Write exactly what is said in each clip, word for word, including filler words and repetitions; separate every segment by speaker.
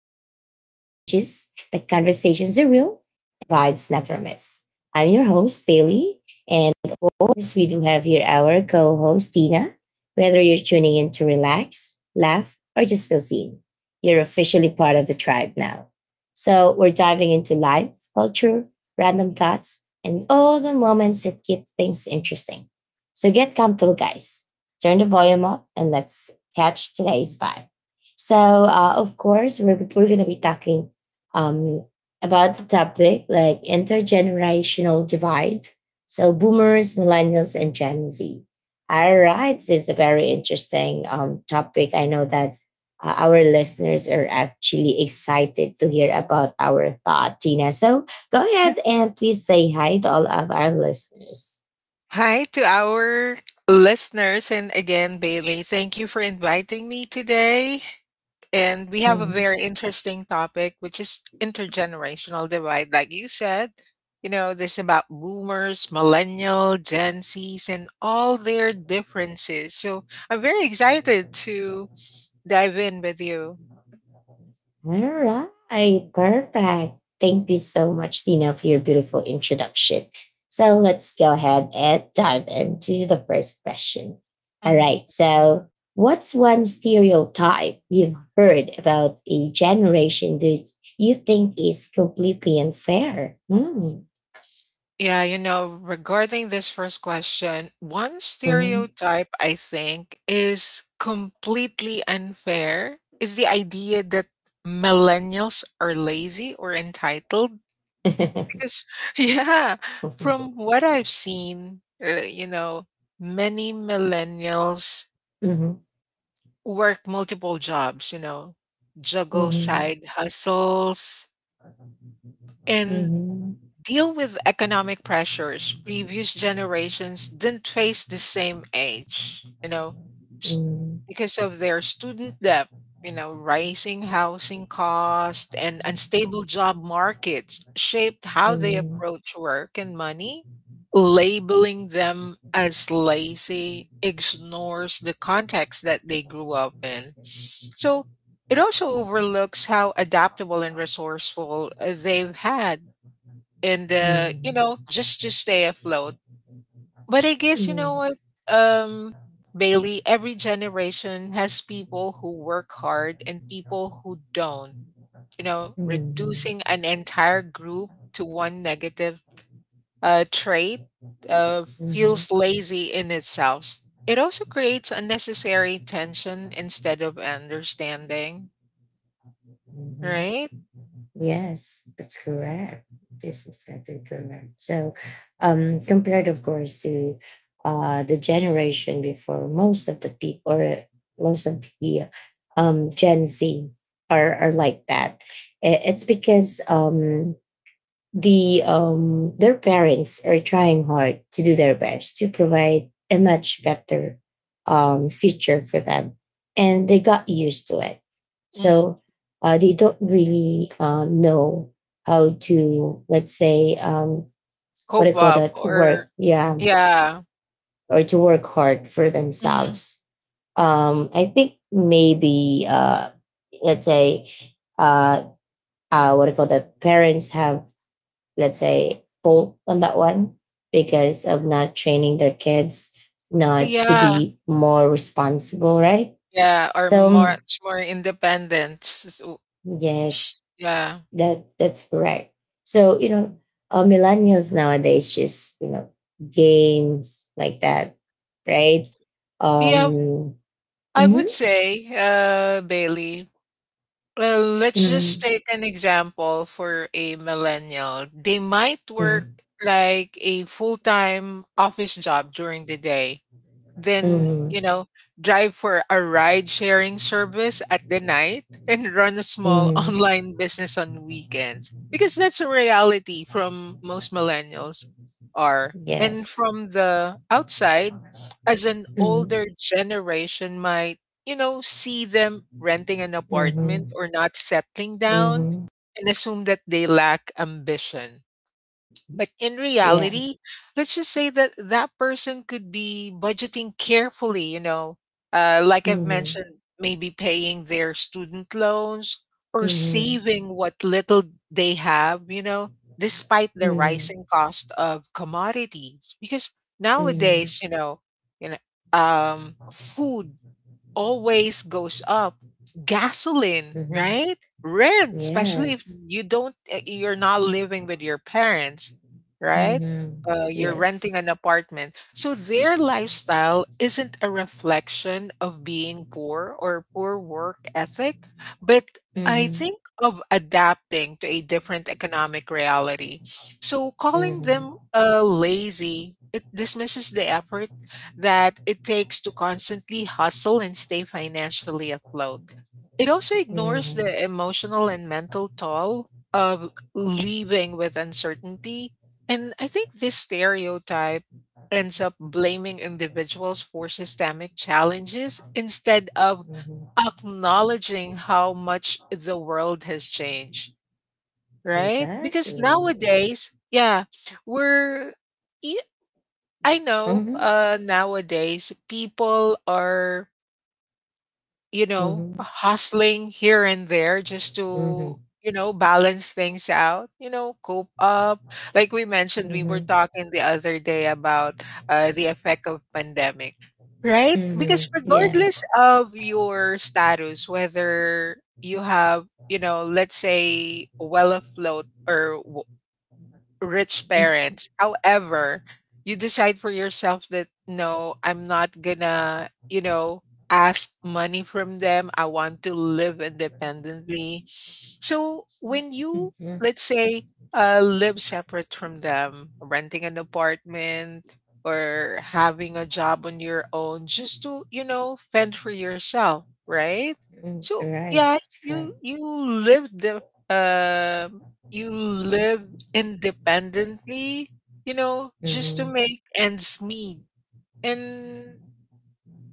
Speaker 1: the energy is contagious, the conversations are real, and vibes never miss. I'm your host, Bailey, and of course, we do have here our co host, Tina. Whether you're tuning in to relax, laugh, or just feel seen, you're officially part of the tribe now. So, we're diving into life, culture, random thoughts, and all the moments that keep things interesting. So, get comfortable, guys turn the volume up and let's catch today's vibe. So, uh, of course, we're, we're going to be talking um, about the topic like intergenerational divide. So, boomers, millennials, and Gen Z. All right, this is a very interesting um, topic. I know that uh, our listeners are actually excited to hear about our thought, Tina. So, go ahead and please say hi to all of our listeners.
Speaker 2: Hi to our listeners. And again, Bailey, thank you for inviting me today. And we have a
Speaker 1: Mhm.
Speaker 2: very interesting topic, which is intergenerational divide. Like you said, you know, this about boomers, millennial, Gen Zs, and all their differences. So I'm very excited to dive in with you.
Speaker 1: All right, perfect. Thank you so much, Tina, for your beautiful introduction. So let's go ahead and dive into the first question. All right, so what's one stereotype you've heard about a generation that you think is completely unfair? Mm,
Speaker 2: Yeah, you know, regarding this first question, one
Speaker 1: mm.
Speaker 2: stereotype I think is completely unfair is the idea that millennials are lazy or entitled. Because, yeah, from what I've seen, uh, you know, many millennials
Speaker 1: Mhm,
Speaker 2: work multiple jobs, you know, juggle
Speaker 1: mhm.
Speaker 2: side hustles,
Speaker 1: Mhm. Mmm,
Speaker 2: and
Speaker 1: mhm. Mmm.
Speaker 2: deal with economic pressures. Previous generations didn't face the same age, you know, s- because of their student debt, you know, rising housing costs and unstable job markets shaped how they approach work and money. Labeling them as lazy ignores the context that they grew up in. So it also overlooks how adaptable and resourceful uh, they've had and uh, you know, just to stay afloat. But I guess you know what, um, Bailey. Every generation has people who work hard and people who don't. You know, reducing an entire group to one negative uh, trait uh,
Speaker 1: Mmm. Mhm,
Speaker 2: feels lazy in itself. It also creates unnecessary tension instead of understanding,
Speaker 1: mhm, mhm.
Speaker 2: right?
Speaker 1: Yes, that's correct. Business entrepreneur. So, um, compared, of course, to uh, the generation before, most of the people, or most of the um, Gen Z, are are like that. I- It's because um, the um their parents are trying hard to do their best to provide a much better um future for them and they got used to it
Speaker 2: Mm.
Speaker 1: so uh, they don't really uh, know how to let's say um what do you
Speaker 2: Cope
Speaker 1: call
Speaker 2: up
Speaker 1: that work
Speaker 2: or
Speaker 1: yeah
Speaker 2: yeah.
Speaker 1: or to work hard for
Speaker 2: Mm.
Speaker 1: themselves um I think maybe uh let's say uh uh what do you call that parents have let's say, fault on that one because of not training their kids not to
Speaker 2: Yeah.
Speaker 1: be more responsible, right?
Speaker 2: Yeah, or
Speaker 1: So
Speaker 2: much more independent. so
Speaker 1: yes,
Speaker 2: sh- Yeah.
Speaker 1: that that's correct. So you know, uh, millennials nowadays just you know games like that, right?
Speaker 2: Yeah,
Speaker 1: Um.
Speaker 2: I
Speaker 1: Mhm,
Speaker 2: would say, uh, Bailey, uh, let's just
Speaker 1: mhm,
Speaker 2: take an example for a millennial. They might work
Speaker 1: mhm,
Speaker 2: like a full-time office job during the day, then, you
Speaker 1: mhm,
Speaker 2: know, drive for a ride-sharing service at the night and run a small
Speaker 1: mhm.
Speaker 2: online business on weekends. Because that's a reality from most millennials are. And
Speaker 1: Yes.
Speaker 2: from the outside, as an older
Speaker 1: Mhm,
Speaker 2: generation might, you know, see them renting an apartment
Speaker 1: mhm.
Speaker 2: or not settling down
Speaker 1: Mhm.
Speaker 2: and assume that they lack ambition. But in
Speaker 1: Yeah.
Speaker 2: reality, let's just say that that person could be budgeting carefully, you know, uh, like I've
Speaker 1: Mhm.
Speaker 2: mentioned, maybe paying their student loans or
Speaker 1: Mhm.
Speaker 2: saving what little they have, you know, despite the
Speaker 1: Mhm.
Speaker 2: rising cost of commodities. Because
Speaker 1: Mhm.
Speaker 2: nowadays, you know, you know, um, food always goes up. Gasoline,
Speaker 1: Mhm.
Speaker 2: right? Rent, especially if
Speaker 1: Yes.
Speaker 2: you don't, uh, you're not living with your parents, right?
Speaker 1: Mhm.
Speaker 2: Uh, you're renting
Speaker 1: Yes.
Speaker 2: an apartment. So their lifestyle isn't a reflection of being poor or poor work ethic, but I
Speaker 1: Mhm.
Speaker 2: think of adapting to a different economic reality. So calling
Speaker 1: Mhm.
Speaker 2: them uh, lazy, it dismisses the effort that it takes to constantly hustle and stay financially afloat. It also
Speaker 1: Mhm.
Speaker 2: ignores
Speaker 1: Mhm.
Speaker 2: the emotional and mental toll of leaving with uncertainty. And I think this stereotype ends up blaming individuals for systemic challenges instead of acknowledging how much the world has changed, right? Because
Speaker 1: Exactly. Exactly.
Speaker 2: nowadays, yeah, we're, you I know
Speaker 1: Mhm.
Speaker 2: uh, nowadays people are, you know,
Speaker 1: Mhm.
Speaker 2: hustling here and there just to,
Speaker 1: Mhm.
Speaker 2: you know, balance things out, you know, cope up. Like we mentioned, we were
Speaker 1: Mhm.
Speaker 2: talking the other day about uh, the effect of pandemic, right?
Speaker 1: Mhm.
Speaker 2: Because
Speaker 1: Yeah.
Speaker 2: regardless of your status, whether you have, you know, let's say well afloat or rich
Speaker 1: Mm.
Speaker 2: parents. However, you decide for yourself that no, I'm not gonna, you know, ask money from them. I want to live independently. So when you, let's say, uh, live separate from them, renting an apartment or having a job on your own just to, you know, fend for yourself, right?
Speaker 1: Mhm. Mm,
Speaker 2: So
Speaker 1: right.
Speaker 2: yeah,
Speaker 1: That's
Speaker 2: you
Speaker 1: correct.
Speaker 2: you live the um you live independently, you know, just to
Speaker 1: Mhm.
Speaker 2: make ends meet. And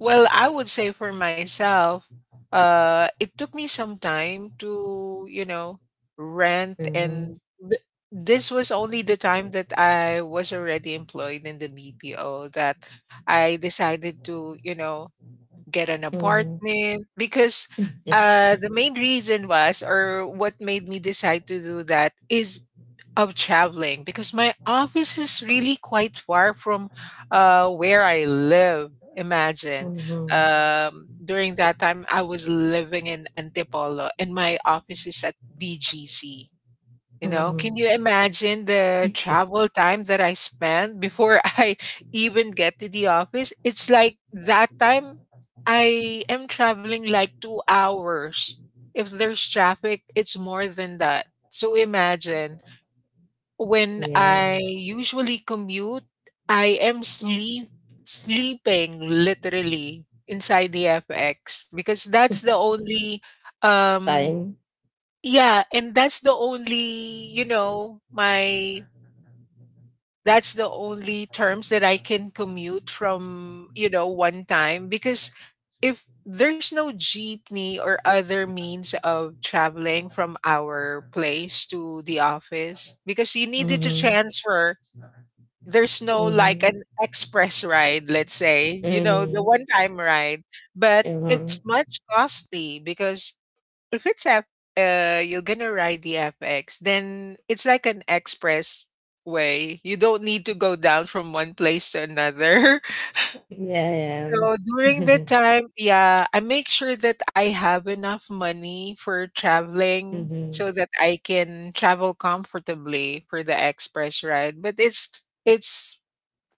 Speaker 2: well, I would say for myself, uh, it took me some time to, you know, rent
Speaker 1: Mhm.
Speaker 2: and th- this was only the time that I was already employed in the B P O that I decided to, you know, get an
Speaker 1: Mhm.
Speaker 2: apartment because uh the main reason was or what made me decide to do that is of traveling because my office is really quite far from uh, where I live. Imagine
Speaker 1: Mhm.
Speaker 2: um, during that
Speaker 1: Mhm.
Speaker 2: time I was living in Antipolo and my office is at B G C. You know, can you imagine the travel time that I spend before I even get to the office? It's like that time I am traveling like two hours. If there's traffic, it's more than that. So imagine when
Speaker 1: Yeah.
Speaker 2: I usually commute, I am sleep sleeping literally inside the F X because that's the only um
Speaker 1: Same.
Speaker 2: yeah, and that's the only, you know, my that's the only terms that I can commute from, you know, one time because if there's no jeepney or other means of traveling from our place to the office because you needed to
Speaker 1: Mhm.
Speaker 2: transfer there's no like
Speaker 1: Mhm.
Speaker 2: an express ride, let's say, you know, the
Speaker 1: Mhm.
Speaker 2: one time ride, but it's
Speaker 1: Mhm.
Speaker 2: much costly because if it's F, uh, you're gonna ride the F X, then it's like an express way. You don't need to go down from one place to another.
Speaker 1: Yeah, yeah.
Speaker 2: So during the time, yeah, I make sure that I have enough money for traveling so
Speaker 1: Mhm.
Speaker 2: that I can travel comfortably for the express ride. But it's it's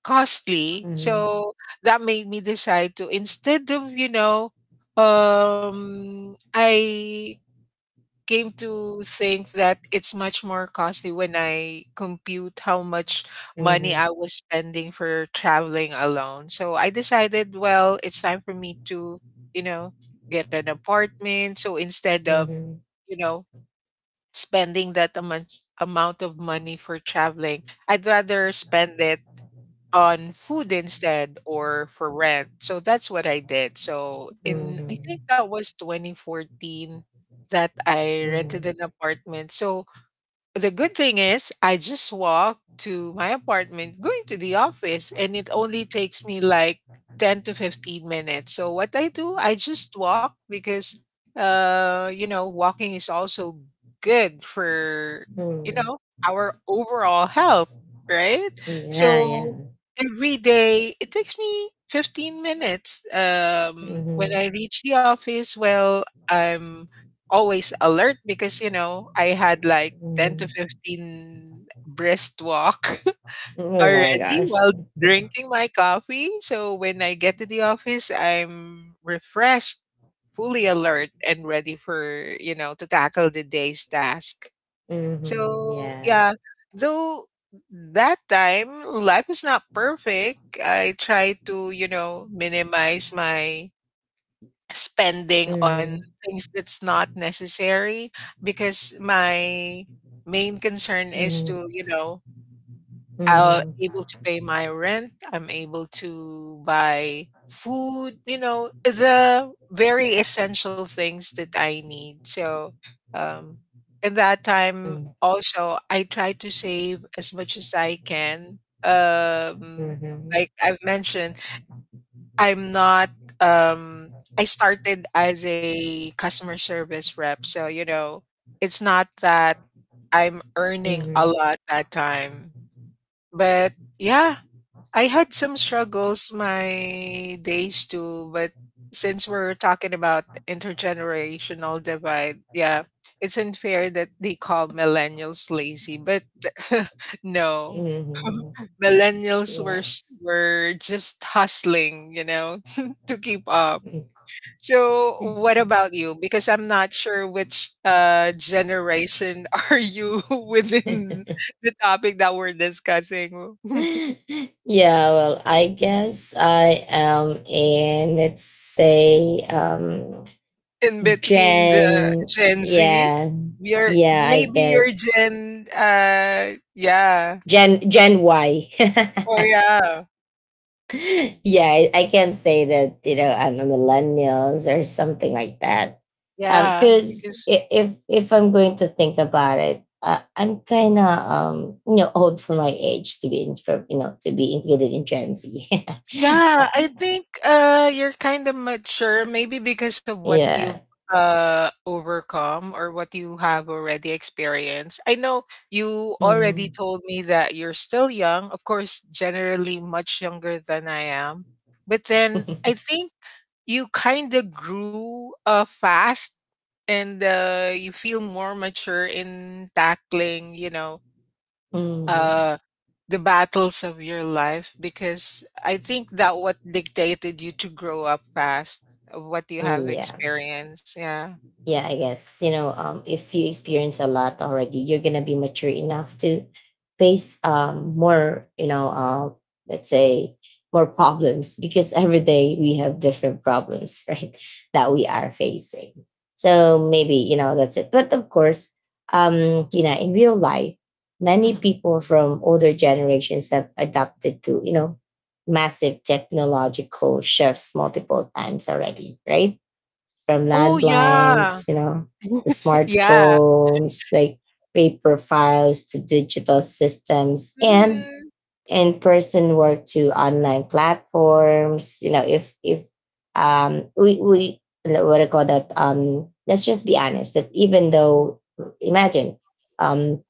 Speaker 2: costly.
Speaker 1: Mhm.
Speaker 2: So that made me decide to instead of, you know, um I came to think that it's much more costly when I compute how much money
Speaker 1: Mhm.
Speaker 2: I was spending for traveling alone. So I decided, well, it's time for me to, you know, get an apartment. So instead
Speaker 1: Mhm.
Speaker 2: of,
Speaker 1: Mhm.
Speaker 2: you know, spending that amount amount of money for traveling, I'd rather spend it on food instead or for rent. So that's what I did. So in I think
Speaker 1: Mhm.
Speaker 2: that was twenty fourteen that I rented
Speaker 1: Mhm.
Speaker 2: an apartment. So the good thing is I just walk to my apartment, going to the office, and it only takes me like ten to fifteen minutes. So what I do, I just walk because uh, you know, walking is also good for, you
Speaker 1: Mhm.
Speaker 2: know, our overall health, right?
Speaker 1: Yeah,
Speaker 2: So
Speaker 1: yeah.
Speaker 2: every day it takes me fifteen minutes. Um, when I
Speaker 1: Mhm.
Speaker 2: reach the office, well, I'm always alert because, you know, I had like ten to
Speaker 1: Mhm.
Speaker 2: fifteen brisk walk
Speaker 1: Oh my
Speaker 2: already
Speaker 1: gosh.
Speaker 2: while drinking my coffee. So when I get to the office, I'm refreshed, fully alert, and ready for, you know, to tackle the day's task.
Speaker 1: Mhm,
Speaker 2: So,
Speaker 1: yeah.
Speaker 2: yeah, though that time life is not perfect, I try to, you know, minimize my spending on
Speaker 1: Mhm.
Speaker 2: things that's not necessary because my main concern is
Speaker 1: Mhm.
Speaker 2: to you know I'm
Speaker 1: Mhm.
Speaker 2: able to pay my rent, I'm able to buy food, you know, the very essential things that I need. So um in that time
Speaker 1: Mm.
Speaker 2: also I try to save as much as I can. um like I've mentioned, I'm not, um I started as a customer service rep, so, you know, it's not that I'm earning a lot that time. But yeah, I had some struggles my days too, but since we're talking about intergenerational divide, yeah, it's unfair that they call millennials lazy, but no. millennials were s-
Speaker 1: Yes.
Speaker 2: were just hustling, you know, to keep up. So, what about you? Because I'm not sure which uh, generation are you within
Speaker 1: Mm.
Speaker 2: the topic that we're discussing.
Speaker 1: yeah, well, I guess I am in, let's say, um,
Speaker 2: In between the
Speaker 1: Gen,
Speaker 2: Gen Z.
Speaker 1: yeah,
Speaker 2: You're
Speaker 1: yeah, I
Speaker 2: maybe you're
Speaker 1: guess
Speaker 2: Gen uh yeah.
Speaker 1: Gen Gen Y.
Speaker 2: Oh yeah.
Speaker 1: yeah, I, I can't say that you know I'm a millennials or something like that. Um,
Speaker 2: Yeah.
Speaker 1: because
Speaker 2: Because
Speaker 1: if if I'm going to think about it, uh, I'm kind of um you know old for my age to be in, for you know to be included in Gen Z.
Speaker 2: yeah, I think uh you're kind of mature maybe because of what you've
Speaker 1: yeah.
Speaker 2: uh overcome or what you have already experienced. I know you already
Speaker 1: Mm.
Speaker 2: told me that you're still young, of course, generally much younger than I am. But then I think you kind of grew uh, fast and uh, you feel more mature in tackling, you know,
Speaker 1: Mm.
Speaker 2: uh, the battles of your life because I think that what dictated you to grow up fast, of what you have
Speaker 1: Yeah.
Speaker 2: experienced. Yeah.
Speaker 1: Yeah, I guess you know um, if you experience a lot already you're gonna be mature enough to face um, more you know uh, let's say more problems because every day we have different problems, right? That we are facing so maybe you know that's it but of course um Tina in real life many
Speaker 2: Mm-hmm.
Speaker 1: people from older generations have adapted to you know massive technological shifts multiple times already, right? From
Speaker 2: Oh, yeah.
Speaker 1: landlines, you know, the
Speaker 2: Yeah.
Speaker 1: smartphones, like paper files to digital systems and
Speaker 2: Mhm.
Speaker 1: in-person work to online platforms. You know, if if um we we what do you call that? Um let's just be honest that even though imagine um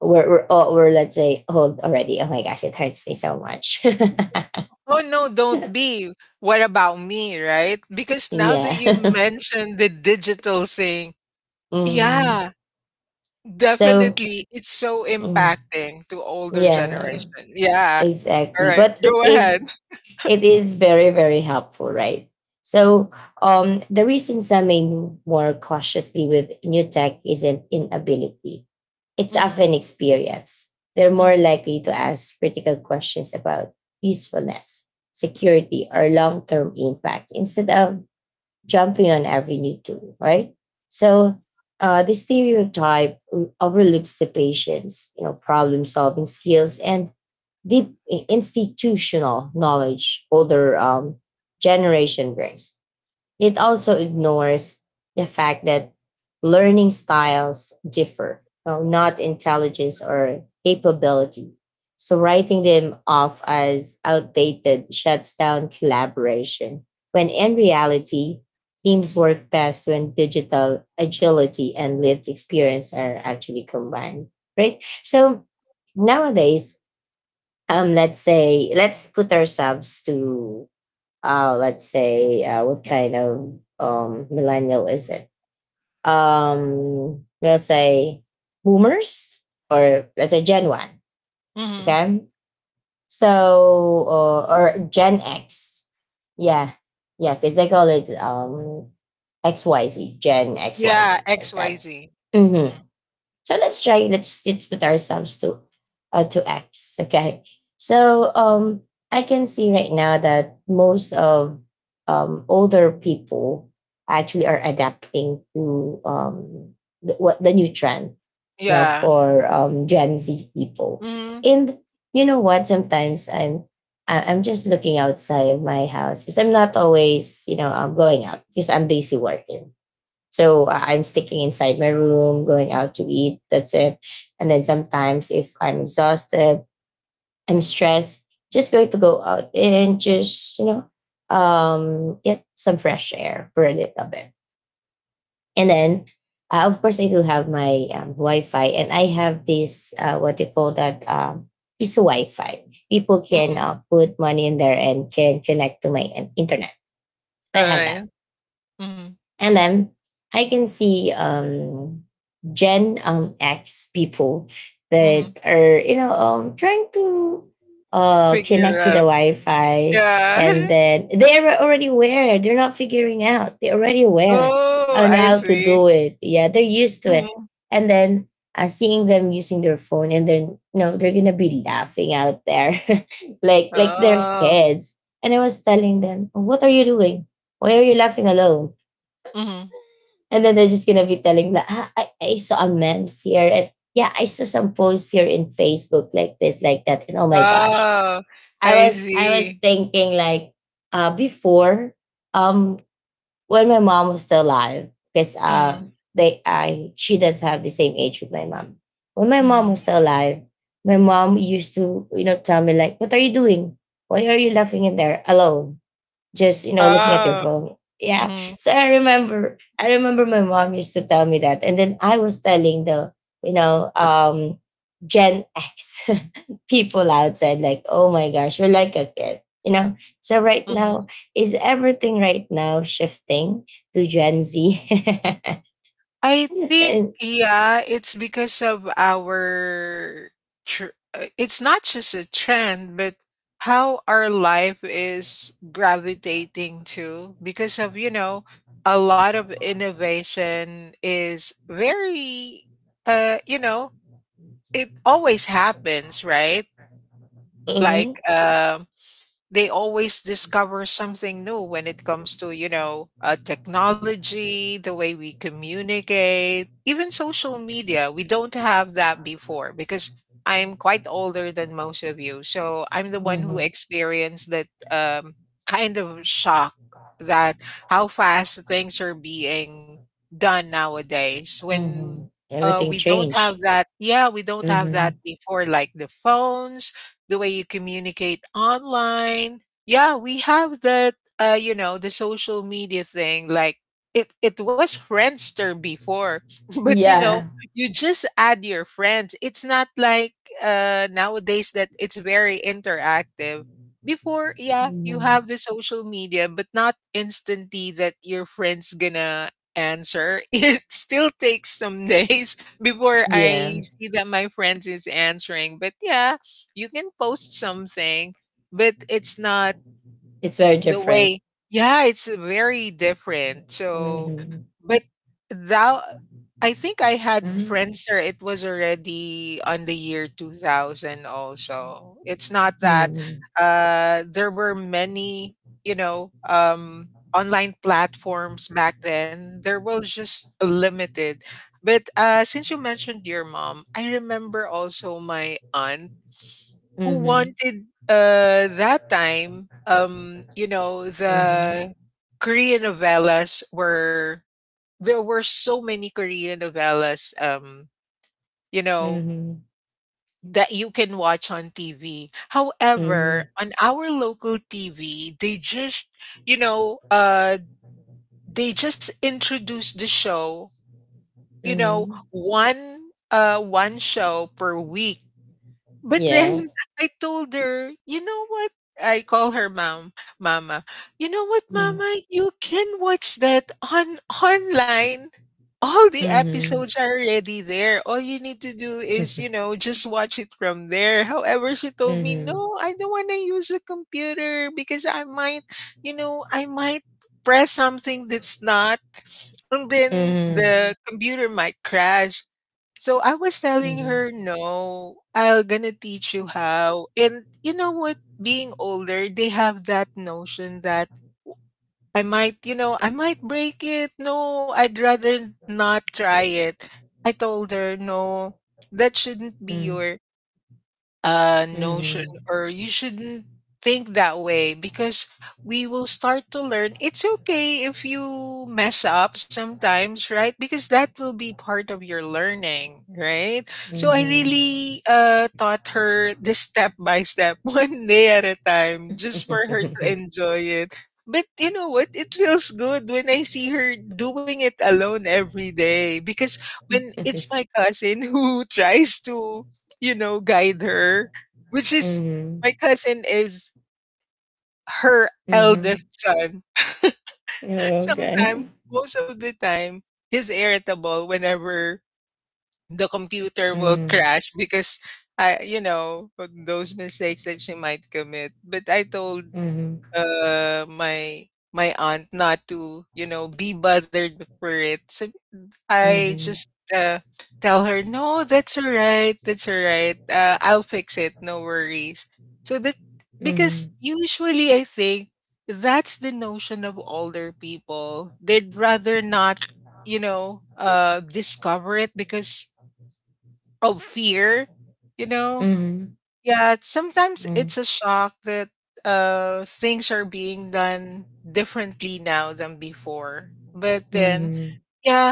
Speaker 1: we're we're, all, we're let's say old already. Oh my gosh, it hurts me so much.
Speaker 2: Oh, no, don't be. What about me, right? Because now that you
Speaker 1: yeah.
Speaker 2: mentioned the digital thing,
Speaker 1: Mm.
Speaker 2: yeah,
Speaker 1: So
Speaker 2: definitely. It's so
Speaker 1: mm,
Speaker 2: impacting to older
Speaker 1: yeah.
Speaker 2: generation. Yeah. All
Speaker 1: Exactly.
Speaker 2: right.
Speaker 1: But it
Speaker 2: Go ahead.
Speaker 1: is it is very, very helpful, right? So um the reason some may move more cautiously with new tech isn't inability. It's often
Speaker 2: hmm
Speaker 1: experience. They're more
Speaker 2: hmm
Speaker 1: likely to ask critical questions about usefulness, security, or long-term impact instead of jumping on every new tool, right? So uh, this stereotype overlooks the patience, you know, problem-solving skills and deep i- institutional knowledge older um, generation brings. It also ignores the fact that learning styles differ, no, not intelligence or capability. So writing them off as outdated shuts down collaboration, when in reality, teams work best when digital agility and lived experience are actually combined, right? So nowadays, um let's say let's put ourselves to uh let's say uh, what kind of um millennial is it um let's say boomers or let's say gen one
Speaker 2: hmm
Speaker 1: okay so uh, or gen x yeah yeah because they call it um xyz gen
Speaker 2: Yeah.
Speaker 1: xyz like that.
Speaker 2: X Y Z. hmm
Speaker 1: Hmm, so let's try. Let's let's put ourselves to uh, to X. Okay. So um, I can see right now that most of um, older people actually are adapting to um, the, what the new trend, you know,
Speaker 2: Yeah.
Speaker 1: for um, Gen Z people.
Speaker 2: hmm
Speaker 1: And you know what? Sometimes I'm I- I'm just looking outside of my house because I'm not always, you know, I'm going out because I'm busy working. So uh, I'm sticking inside my room, going out to eat. That's it. And then sometimes if I'm exhausted, I'm stressed, just going to go out and just, you know, um, get some fresh air for a little bit. And then, uh, of course, I do have my um, Wi-Fi and I have this, uh, what they call that, um, piece of Wi-Fi. People can uh, put money in there and can connect to my in- internet. I have that.
Speaker 2: All hmm
Speaker 1: And then I can see um, Gen um, X people
Speaker 2: Mm-hmm. Mm-hmm.
Speaker 1: that are, you know, um, trying to uh,
Speaker 2: Figure
Speaker 1: connect to the
Speaker 2: out.
Speaker 1: Wi Fi. And
Speaker 2: Yeah.
Speaker 1: then they're already aware. They're not figuring out. They're already aware
Speaker 2: Oh,
Speaker 1: on
Speaker 2: I
Speaker 1: how to
Speaker 2: see.
Speaker 1: do it. Yeah, they're used to it.
Speaker 2: Mm-hmm.
Speaker 1: And then uh, seeing them using their phone and then, you know, they're going to be laughing out there like like they're
Speaker 2: Oh.
Speaker 1: kids. And I was telling them, what are you doing? Why are you laughing alone?
Speaker 2: Mhm.
Speaker 1: And then they're just gonna be telling that ah, I, I saw a memes here and yeah, I saw some posts here in Facebook like this, like that. And oh my gosh.
Speaker 2: Oh,
Speaker 1: I
Speaker 2: I
Speaker 1: was I was
Speaker 2: see.
Speaker 1: thinking like uh before um when my mom was still alive, because
Speaker 2: Mhm,
Speaker 1: uh they I she does have the same age with my mom. When my mom was still
Speaker 2: mhm.
Speaker 1: alive, my mom used to, you know, tell me like, what are you doing? Why are you laughing in there alone? Just you know looking at their
Speaker 2: Oh.
Speaker 1: phone, yeah.
Speaker 2: Mhm,
Speaker 1: So i remember i remember my mom used to tell me that and then I was telling the you know um gen x people outside like oh my gosh you're like a kid you know. So right now
Speaker 2: mhm.
Speaker 1: is everything right now shifting to gen z?
Speaker 2: I think,
Speaker 1: and,
Speaker 2: yeah, it's because of our tr uh, it's not just a trend, but how our life is gravitating to because of, you know, a lot of innovation is very, uh, you know, it always happens, right?
Speaker 1: mhm.
Speaker 2: Like, um they always discover something new when it comes to you know uh, technology, the way we communicate, even social media. We don't have that
Speaker 1: Mhm.
Speaker 2: before because I'm quite older than most of you, so I'm the one who experienced that um, kind of shock that how fast things are being done nowadays when
Speaker 1: Mhm.
Speaker 2: uh,
Speaker 1: Everything
Speaker 2: we don't have
Speaker 1: changed.
Speaker 2: that. Yeah, we don't have
Speaker 1: Hmm.
Speaker 2: that before, like the phones, the way you communicate online. Yeah, we have that uh, you know, the social media thing. Like it it was Friendster before, but you know,
Speaker 1: Yeah.
Speaker 2: you just add your friends. It's not like uh nowadays that it's very interactive. Before, yeah, you
Speaker 1: Hmm.
Speaker 2: have the social media, but not instantly that your friend's gonna answer. It still takes some days before I
Speaker 1: Yeah.
Speaker 2: see that my friends is answering. But yeah, you can post something, but it's not
Speaker 1: It's very
Speaker 2: the
Speaker 1: different.
Speaker 2: way. Yeah, it's very different. So,
Speaker 1: Hmm.
Speaker 2: but thou I think I had
Speaker 1: Hmm.
Speaker 2: Friendster. It was already on the year two thousand also. It's not that uh, there were many, you know, um, online platforms back then. There was just limited. But uh, since you mentioned your mom, I remember also my aunt who wanted uh that time um you know
Speaker 1: Hmm.
Speaker 2: the korean novellas were, there were so many korean novellas, um you
Speaker 1: Hmm.
Speaker 2: know
Speaker 1: Hmm.
Speaker 2: that you can watch on tv. However,
Speaker 1: Mhm.
Speaker 2: on our local tv, they just you know uh they just introduced the show, you know
Speaker 1: Mhm.
Speaker 2: one uh one show per week. But
Speaker 1: Yeah.
Speaker 2: then I told her, you know what? I call her mom, mama. You know what,
Speaker 1: Mhm.
Speaker 2: mama? You can watch that on online. All the
Speaker 1: Mhm.
Speaker 2: episodes are already there. All you need to do is, you know, just watch it from there. However, she told me,
Speaker 1: Mhm.
Speaker 2: no, I don't want to use a computer because I might, you know, I might press something that's not, and
Speaker 1: Mhm.
Speaker 2: then
Speaker 1: Mhm.
Speaker 2: the computer might crash. So I was telling her, no, I'm gonna teach you how. And you know what? Being older, they have that notion that I might, you know, I might break it. No, I'd rather not try it. I told her, no, that shouldn't be
Speaker 1: Mm.
Speaker 2: your uh
Speaker 1: Mhm.
Speaker 2: notion,
Speaker 1: Mhm.
Speaker 2: or you shouldn't think that way because we will start to learn. It's okay if you mess up sometimes, right? Because that will be part of your learning, right? So I really uh taught her the step by step one day at a time, just for her to enjoy it. But you know what, it feels good when I see her doing it alone every day, because when it's my cousin who tries to, you know, guide her, which is, my
Speaker 1: Mhm.
Speaker 2: cousin is her
Speaker 1: Mm-hmm.
Speaker 2: eldest son. Sometimes,
Speaker 1: Okay.
Speaker 2: most of the time, he's irritable whenever the computer will
Speaker 1: Mm-hmm.
Speaker 2: crash because I, you know, those mistakes that she might commit. But I told
Speaker 1: Mm-hmm.
Speaker 2: uh my my aunt not to, you know, be bothered for it. So I just,
Speaker 1: Mm-hmm.
Speaker 2: uh, tell her, "No, that's alright, that's alright, uh, I'll fix it, no worries." So that,
Speaker 1: Mm-hmm. Mm-hmm.
Speaker 2: because usually I think that's the notion of older people. They'd rather not, you know, uh, discover it because of fear, you know? Yeah, sometimes it's a shock that uh things are being done differently now than before. But then
Speaker 1: Mm-hmm.
Speaker 2: yeah,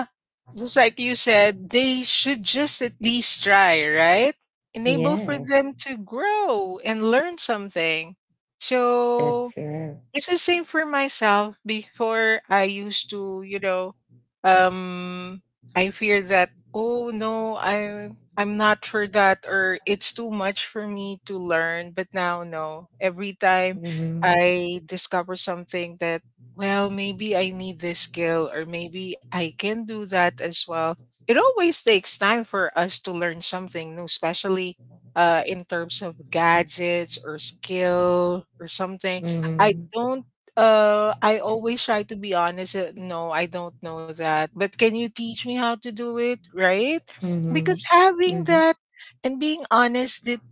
Speaker 2: just like you said, they should just at least try, right? Enable for
Speaker 1: Yes,
Speaker 2: them to grow and learn something. So
Speaker 1: that's right.
Speaker 2: it's the same for myself. Before I used to, you know, um, I fear that oh no, I I'm not for that, or it's too much for me to learn. But now, no. Every time
Speaker 1: Mm-hmm.
Speaker 2: I discover something that, well, maybe I need this skill, or maybe I can do that as well. It always takes time for us to learn something new, especially uh, in terms of gadgets or skill or something. I
Speaker 1: Mm-hmm.
Speaker 2: don't uh I always try to be honest. uh, No, I don't know that. But can you teach me how to do it, right?
Speaker 1: Mm-hmm.
Speaker 2: Because having
Speaker 1: Mm-hmm.
Speaker 2: that and being honest, it,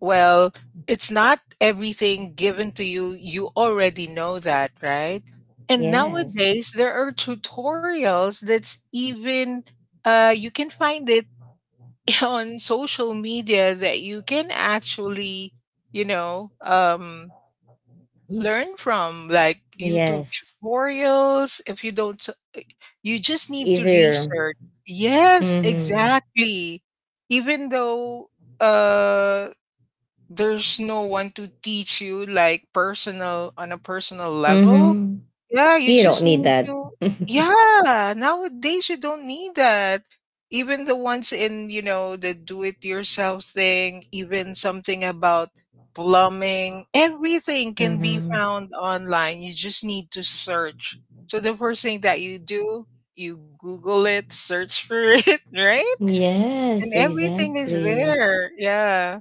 Speaker 2: well, it's not everything given to you. You already know that, right? And
Speaker 1: Yes.
Speaker 2: nowadays there are tutorials that's even uh you can find it on social media that you can actually, you know, um learn from, like YouTube
Speaker 1: Yes.
Speaker 2: tutorials. If you don't, s- eh, you just need to
Speaker 1: Easier.
Speaker 2: research. Yes,
Speaker 1: Mm-hmm.
Speaker 2: exactly. Even though uh, there's no one to teach you, like personal on a personal level,
Speaker 1: Mm-hmm.
Speaker 2: yeah, you
Speaker 1: You don't
Speaker 2: just
Speaker 1: need
Speaker 2: need
Speaker 1: that.
Speaker 2: to. Yeah, nowadays you don't need that. Even the ones in, you know, the do it yourself thing, even something about plumbing, everything can be
Speaker 1: hmm.
Speaker 2: found online. You just need to search. So the first thing that you do, you Google it, search for it, right? And
Speaker 1: Yes,
Speaker 2: everything is
Speaker 1: exactly.
Speaker 2: there. Yeah.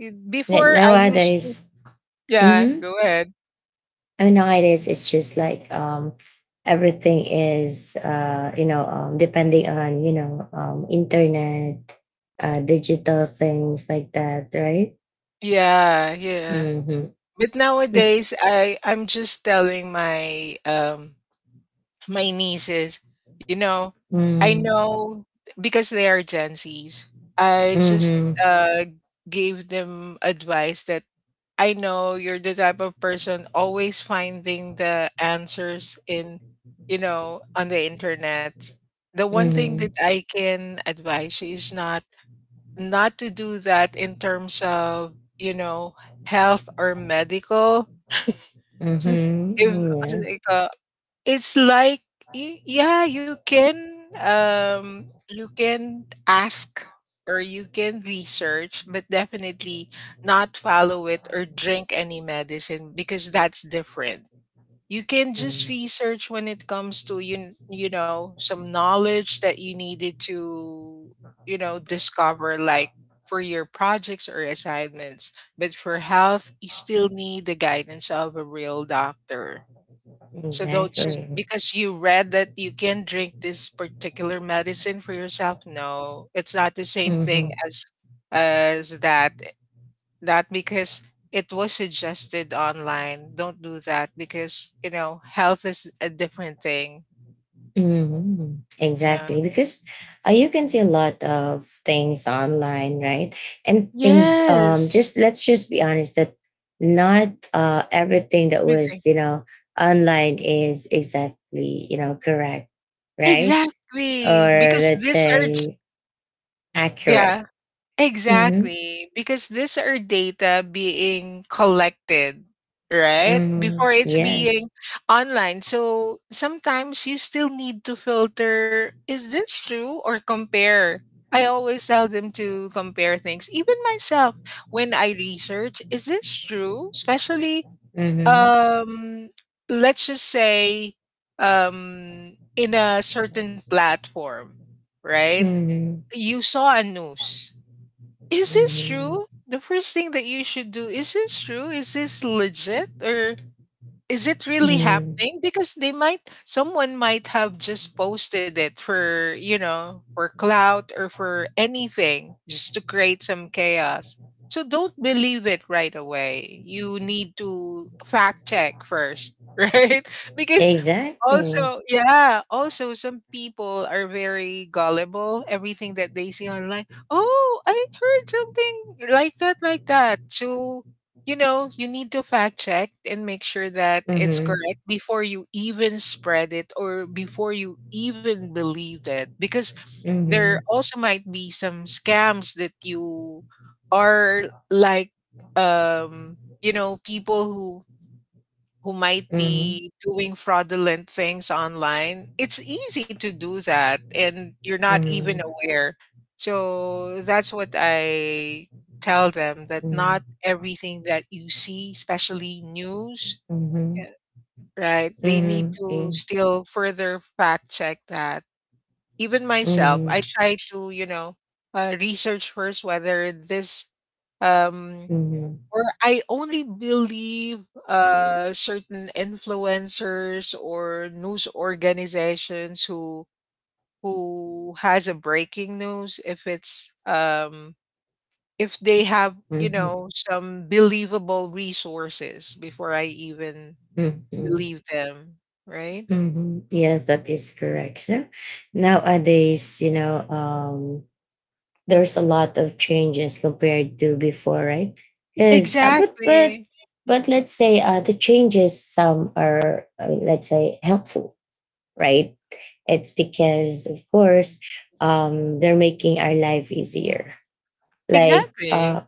Speaker 2: It-
Speaker 1: Like
Speaker 2: Before I used to,
Speaker 1: nowadays,
Speaker 2: yeah,
Speaker 1: hmm,
Speaker 2: go ahead.
Speaker 1: I mean, nowadays it's just like um, everything is uh, you know um, depending on you know um, internet, uh, digital things like that, right?
Speaker 2: Yeah, yeah.
Speaker 1: Mm-hmm.
Speaker 2: But
Speaker 1: It's
Speaker 2: nowadays, I I'm just telling my um my nieces, you know, I
Speaker 1: mm,
Speaker 2: know because they are Gen Zs. I just
Speaker 1: mm-hmm.
Speaker 2: uh gave them advice that I know you're the type of person always finding the answers in, you know, on the internet. The one thing that
Speaker 1: Mm-hmm.
Speaker 2: I can advise you is not not to do that in terms of, you know, health or medical.
Speaker 1: Mm-hmm.
Speaker 2: If, as in,
Speaker 1: Yeah.
Speaker 2: ikaw, it's like, y yeah, you can, um, you can ask or you can research, but definitely not follow it or drink any medicine because that's different. You can just research when it comes to you you know some knowledge that you needed to, you know, discover, like for your projects or assignments. But for health, you still need the guidance of a real doctor. So don't, just
Speaker 1: Exactly.
Speaker 2: because you read that you can drink this particular medicine for yourself. No, it's not the same thing
Speaker 1: Hmm.
Speaker 2: as as that that because it was suggested online. Don't do that because, you know, health is a different thing.
Speaker 1: Hmm.
Speaker 2: Yeah.
Speaker 1: Exactly. Because uh, you can see a lot of things online, right? And in um,
Speaker 2: Yes.
Speaker 1: just let's just be honest that not uh, everything that
Speaker 2: Everything.
Speaker 1: was you know online is exactly you know correct, right?
Speaker 2: Exactly.
Speaker 1: Or
Speaker 2: Because
Speaker 1: let's
Speaker 2: this urge.
Speaker 1: say accurate.
Speaker 2: Yeah.
Speaker 1: Mm-hmm.
Speaker 2: Exactly, because these are data being collected, right?
Speaker 1: Mm-hmm.
Speaker 2: Before it's
Speaker 1: Yes.
Speaker 2: being online. So sometimes you still need to filter, is this true, or compare? I always tell them to compare things. Even myself, when I research, is this true? Especially,
Speaker 1: Mm-hmm.
Speaker 2: um, let's just say, um, in a certain platform, right?
Speaker 1: Mm-hmm.
Speaker 2: You saw a news, is this
Speaker 1: Mm,
Speaker 2: true? The first thing that you should do, is this true? Is this legit? Or is it really
Speaker 1: mm.
Speaker 2: happening? Because they might, someone might have just posted it for, you know, for clout or for anything, just to create some chaos. So don't believe it right away. You need to fact check first, right? Because
Speaker 1: Exactly.
Speaker 2: also, yeah, also some people are very gullible. Everything that they see online, "Oh, I heard something like that, like that." So, you know, you need to fact check and make sure that it's
Speaker 1: Mhm.
Speaker 2: correct before you even spread it or before you even believe it, because there
Speaker 1: Mhm.
Speaker 2: also might be some scams that you are like, um, you know, people who who might
Speaker 1: Mhm.
Speaker 2: be doing fraudulent things online. It's easy to do that and you're not even
Speaker 1: Mhm.
Speaker 2: aware. So that's what I tell them, that not everything that you see, especially news.
Speaker 1: Mhm. Mhm. Mhm.
Speaker 2: Yeah. Right? They need to
Speaker 1: Mhm.
Speaker 2: still further fact check that. Even myself, I
Speaker 1: Mhm.
Speaker 2: try to, you know, uh, research first whether this, um,
Speaker 1: Mhm.
Speaker 2: or I only believe uh, certain influencers or news organizations who who has a breaking news, if it's, um, if they have, you
Speaker 1: Mhm.
Speaker 2: know, some believable resources before I even
Speaker 1: Mhm.
Speaker 2: believe them, right?
Speaker 1: Mhm. Yes, that is correct. So nowadays, you know, um, there's a lot of changes compared to before, right? Because uh, but but
Speaker 2: Exactly,
Speaker 1: but let's say uh, the changes some are uh, let's say helpful, right? It's because of course um, they're making our life easier. Like
Speaker 2: exactly.
Speaker 1: uh,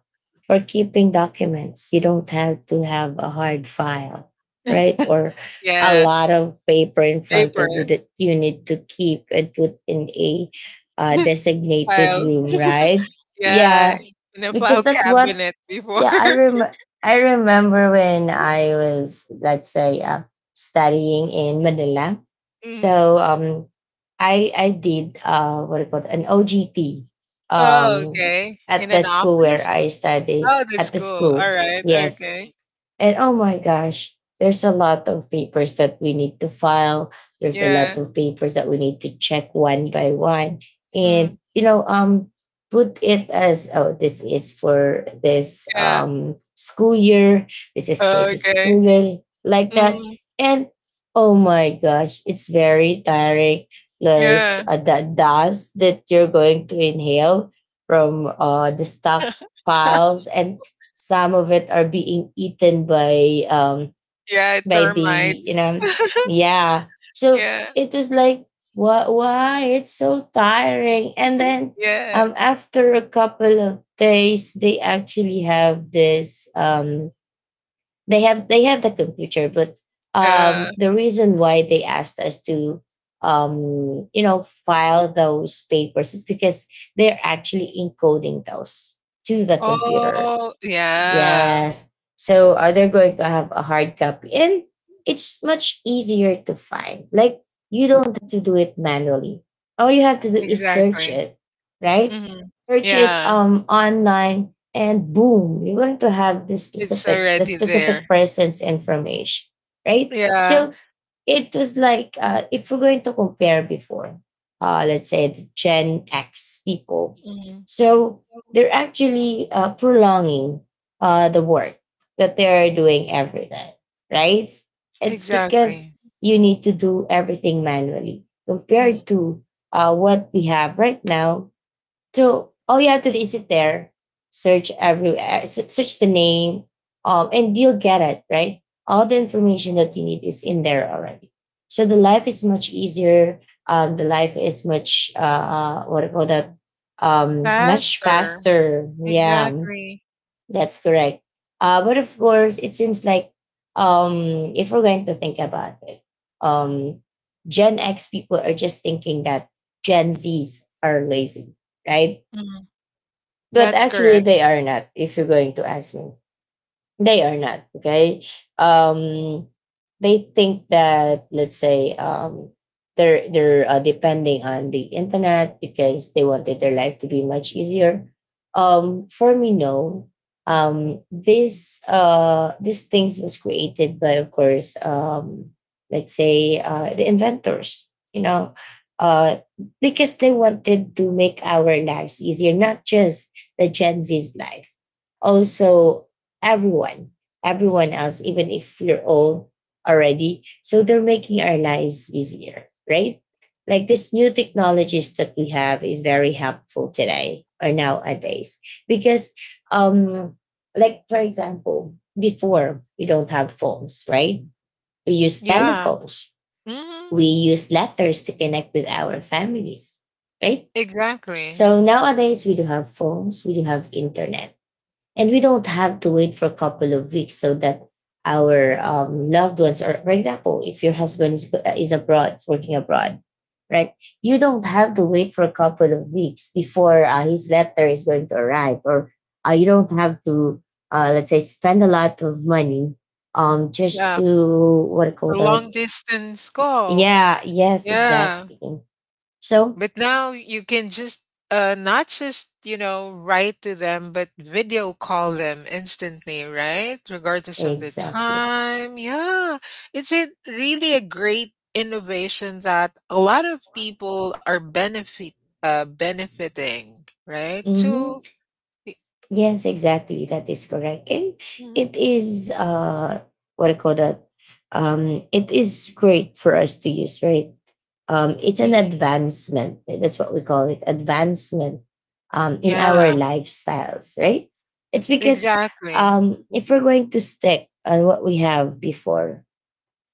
Speaker 1: for keeping documents. You don't have to have a hard file, right? Or a
Speaker 2: Yeah,
Speaker 1: lot of paper in front
Speaker 2: paper
Speaker 1: of you that you need to keep and put in a uh, designated
Speaker 2: file.
Speaker 1: room, right?
Speaker 2: Yeah,
Speaker 1: Yeah,
Speaker 2: in a file
Speaker 1: because that's what
Speaker 2: cabinet before.
Speaker 1: yeah, I rem- I remember when I was let's say uh, studying in Manila.
Speaker 2: Mhm.
Speaker 1: So um, I I did uh what do you call it, an O G P
Speaker 2: Oh,
Speaker 1: um
Speaker 2: okay. In
Speaker 1: at the
Speaker 2: an
Speaker 1: school where
Speaker 2: office?
Speaker 1: I study
Speaker 2: Oh, that's
Speaker 1: at the
Speaker 2: cool.
Speaker 1: school.
Speaker 2: Alright,
Speaker 1: Yes,
Speaker 2: okay.
Speaker 1: and oh my gosh, there's a lot of papers that we need to file. There's a lot
Speaker 2: Yeah.
Speaker 1: of papers that we need to check one by one.
Speaker 2: Mhm.
Speaker 1: And, you know, um, put it as, oh, this is for this
Speaker 2: Yeah.
Speaker 1: um, school year. This is for
Speaker 2: Oh,
Speaker 1: this
Speaker 2: okay.
Speaker 1: school year, like that.
Speaker 2: Mm,
Speaker 1: And oh my gosh, it's very tiring. Plus,
Speaker 2: yeah.
Speaker 1: uh, the dust that you're going to inhale from uh, the stockpiles and some of it are being eaten by um
Speaker 2: Yeah,
Speaker 1: by the you
Speaker 2: termites.
Speaker 1: know yeah. So
Speaker 2: Yeah.
Speaker 1: it was like why why it's so tiring. And then um
Speaker 2: Yes.
Speaker 1: after a couple of days they actually have this um they have they have the computer. But
Speaker 2: Uh,
Speaker 1: um the reason why they asked us to um you know file those papers is because they're actually encoding those to the computer.
Speaker 2: oh, yeah.
Speaker 1: Yes. So uh, they're going to have a hard copy and it's much easier to find. Like you don't have to do it manually. All you have to do is search
Speaker 2: Exactly.
Speaker 1: it, right?
Speaker 2: Mhm.
Speaker 1: Search it
Speaker 2: Yeah.
Speaker 1: um online, and boom, you're going to have the
Speaker 2: It's
Speaker 1: specific the
Speaker 2: already
Speaker 1: specific
Speaker 2: there.
Speaker 1: person's information, right?
Speaker 2: Yeah.
Speaker 1: So it was like, uh, if we're going to compare before, uh, let's say the Gen X people.
Speaker 2: Mhm.
Speaker 1: So they're actually uh, prolonging uh, the work that they are doing every day, right? It's because
Speaker 2: Exactly.
Speaker 1: you need to do everything manually compared
Speaker 2: Mhm.
Speaker 1: to uh, what we have right now. So all you have to do is sit there, search every uh, s- search the name, um, and you'll get it right. All the information that you need is in there already. So the life is much easier. Um, the life is much uh, uh, what do you call that? Um, much
Speaker 2: Faster.
Speaker 1: faster. Yeah,
Speaker 2: Exactly.
Speaker 1: that's correct. Uh, but of course, it seems like, um, if we're going to think about it, um, Gen X people are just thinking that Gen Zs are lazy, right?
Speaker 2: Mhm.
Speaker 1: But
Speaker 2: That's
Speaker 1: actually,
Speaker 2: correct.
Speaker 1: they are not, if you're going to ask me. They are not. Okay. Um, they think that, let's say, um, they're they're uh, depending on the internet because they wanted their life to be much easier. Um, for me, no. Um, this uh, These things was created by, of course, um, let's say uh, the inventors. You know, uh, because they wanted to make our lives easier, not just the Gen Z's life, also everyone, everyone else, even if you're old already. So they're making our lives easier, right? Like this new technologies that we have is very helpful today or nowadays because, um, like for example, before we don't have phones, right? We use
Speaker 2: Yeah.
Speaker 1: telephones.
Speaker 2: Mhm.
Speaker 1: We use letters to connect with our families, right?
Speaker 2: Exactly.
Speaker 1: So nowadays we do have phones, we do have internet, and we don't have to wait for a couple of weeks so that our um, loved ones, or for example if your husband is, is abroad is working abroad, right? You don't have to wait for a couple of weeks before uh, his letter is going to arrive, or uh, you don't have to uh, let's say spend a lot of money um just
Speaker 2: Yeah,
Speaker 1: to what do you call
Speaker 2: for
Speaker 1: that,
Speaker 2: long distance calls.
Speaker 1: yeah, yes,
Speaker 2: Yeah.
Speaker 1: exactly. So
Speaker 2: But now you can just uh not just, you know, write to them, but video call them instantly, right? Regardless of the
Speaker 1: exactly.
Speaker 2: time. Yeah. It's a really a great innovation that a lot of people are benefit uh benefiting, right?
Speaker 1: hmm
Speaker 2: So y-
Speaker 1: Yes, exactly. That is correct. And
Speaker 2: mhm.
Speaker 1: it is uh what I call that. Um it is great for us to use, right? Um it's an
Speaker 2: Y-
Speaker 1: advancement. That's what we call it, advancement um in our
Speaker 2: yeah.
Speaker 1: lifestyles, right? It's because
Speaker 2: Exactly.
Speaker 1: um if we're going to stick on what we have before,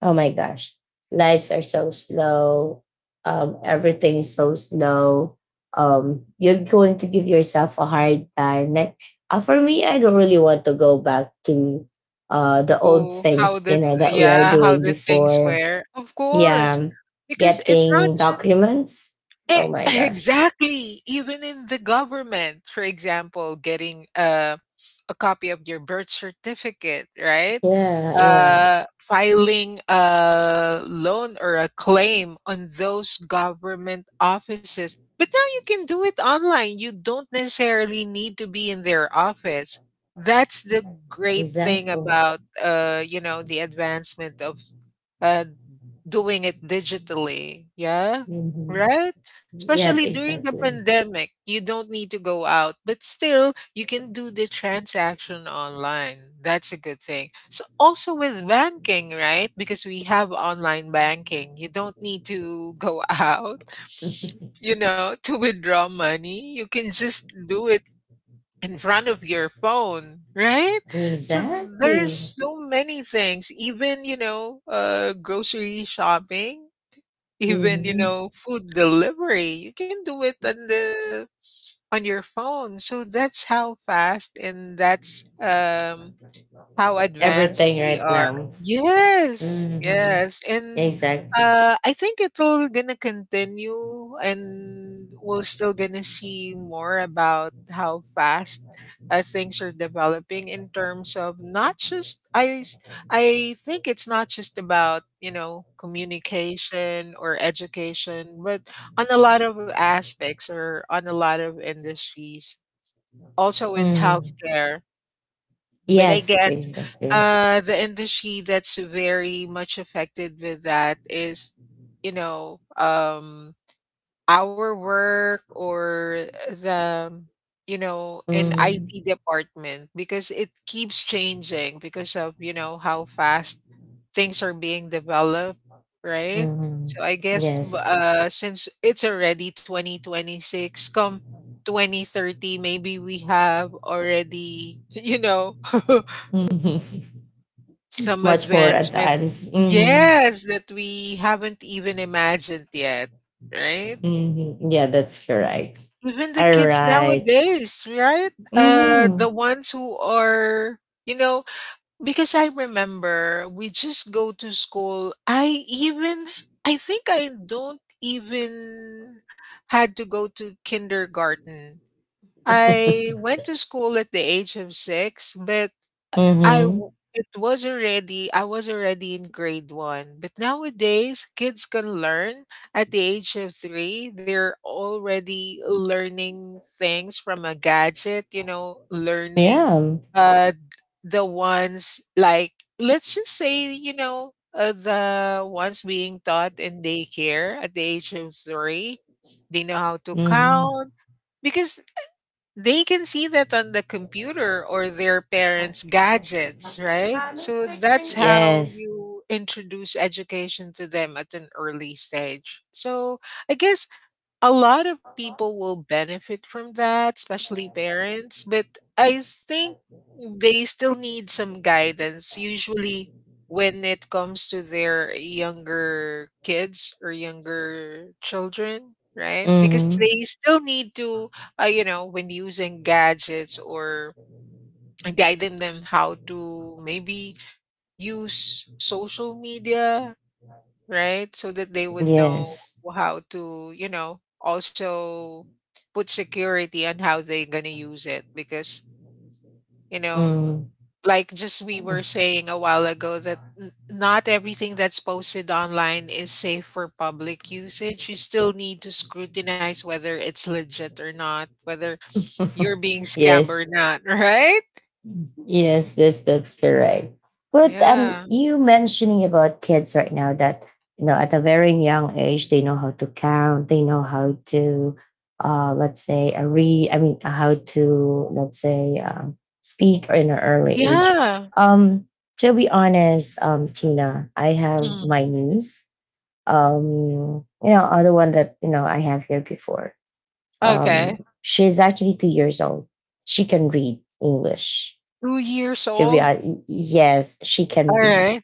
Speaker 1: oh my gosh. Lives are so slow. Um, everything's so slow. Um, you're going to give yourself a hard time. Like, uh, for me, I don't really want to go back to uh the old
Speaker 2: To how
Speaker 1: things,
Speaker 2: the
Speaker 1: you know,
Speaker 2: th
Speaker 1: that we are
Speaker 2: Yeah, how
Speaker 1: doing
Speaker 2: the things
Speaker 1: before.
Speaker 2: were. Of course.
Speaker 1: Yeah.
Speaker 2: Because it's not
Speaker 1: Getting
Speaker 2: just
Speaker 1: documents.
Speaker 2: e
Speaker 1: Oh my gosh.
Speaker 2: exactly. Even in the government, for example, getting a a copy of your birth certificate, right?
Speaker 1: Yeah, yeah.
Speaker 2: Uh, filing a loan or a claim on those government offices. But now you can do it online. You don't necessarily need to be in their office. That's the great thing
Speaker 1: Exactly.
Speaker 2: about uh, you know, the advancement of uh, doing it digitally, yeah,
Speaker 1: Mhm.
Speaker 2: right?
Speaker 1: Yeah,
Speaker 2: Especially during the
Speaker 1: exactly.
Speaker 2: pandemic, you don't need to go out, but still you can do the transaction online. That's a good thing. So also with banking, right? Because we have online banking, you don't need to go out, you know, to withdraw money. You can just do it in front of your phone, right? So there's
Speaker 1: Exactly.
Speaker 2: so many things, even, you know, uh, grocery shopping, even, you
Speaker 1: Mhm.
Speaker 2: know, food delivery. You can do it on the on your phone. So that's how fast, and that's um how advanced
Speaker 1: Everything
Speaker 2: we
Speaker 1: right
Speaker 2: are.
Speaker 1: now.
Speaker 2: Yes,
Speaker 1: hmm
Speaker 2: yes. And
Speaker 1: Exactly.
Speaker 2: uh, I think it'll gonna continue and we're still gonna see more about how fast uh, things are developing in terms of not just I s- I think it's not just about, you know, communication or education, but on a lot of aspects or on a lot of industries, also in
Speaker 1: hmm
Speaker 2: healthcare. But I
Speaker 1: Yes,
Speaker 2: guess,
Speaker 1: exactly.
Speaker 2: uh, the industry that's very much affected with that is, you know, um, our work, or the, you know, an
Speaker 1: hmm
Speaker 2: I T department because it keeps changing because of, you know, how fast things are being developed, right?
Speaker 1: hmm
Speaker 2: So I guess, b-
Speaker 1: Yes.
Speaker 2: uh, since it's already twenty twenty-six, come twenty thirty, maybe we have already, you know,
Speaker 1: Mhm.
Speaker 2: some
Speaker 1: Much more
Speaker 2: advancement
Speaker 1: advanced. hmm
Speaker 2: yes, that we haven't even imagined yet, right?
Speaker 1: hmm Yeah, that's correct.
Speaker 2: Even the
Speaker 1: All
Speaker 2: kids
Speaker 1: right.
Speaker 2: nowadays, right? Uh, the ones who are, you know, because I remember we just go to school. I even, I think I don't even had to go to kindergarten. I
Speaker 1: Mm-hmm.
Speaker 2: went to school at the age of six, but I w- it was already I was already in grade one. But nowadays, kids can learn at the age of three. They're already learning things from a gadget, you know, learning
Speaker 1: Yeah.
Speaker 2: uh the ones like let's just say, you know, uh, the ones being taught in daycare at the age of three. They know how to
Speaker 1: hmm
Speaker 2: count because they can see that on the computer or their parents' gadgets, right? So that's how
Speaker 1: Yes.
Speaker 2: you introduce education to them at an early stage. So I guess a lot of people will benefit from that, especially parents, but I think they still need some guidance, usually when it comes to their younger kids or younger children, right? Because
Speaker 1: hmm
Speaker 2: they still need to, uh, you know, when using gadgets or guiding them how to maybe use social media, right? So that they would know
Speaker 1: Yes.
Speaker 2: how to, you know, also put security on how they're going to use it because, you know,
Speaker 1: Mm.
Speaker 2: like just we were saying a while ago that n- not everything that's posted online is safe for public usage. You still need to scrutinize whether it's legit or not, whether you're being scammed or
Speaker 1: yes.
Speaker 2: not, right?
Speaker 1: Yes, this that's correct. But um,
Speaker 2: Yeah.
Speaker 1: you mentioning about kids right now that, you know, at a very young age they know how to count, they know how to, uh, let's say a read. I mean, uh, how to, let's say, um, speak in an early age.
Speaker 2: Yeah.
Speaker 1: Um, to be honest, um, Tina, I have
Speaker 2: Mm.
Speaker 1: my niece. Um, you know, other one that you know I have here before.
Speaker 2: Okay.
Speaker 1: Um, she's actually two years old. She can read English,
Speaker 2: Two years
Speaker 1: to be
Speaker 2: old.
Speaker 1: honest, yes, she
Speaker 2: All
Speaker 1: can read.
Speaker 2: right.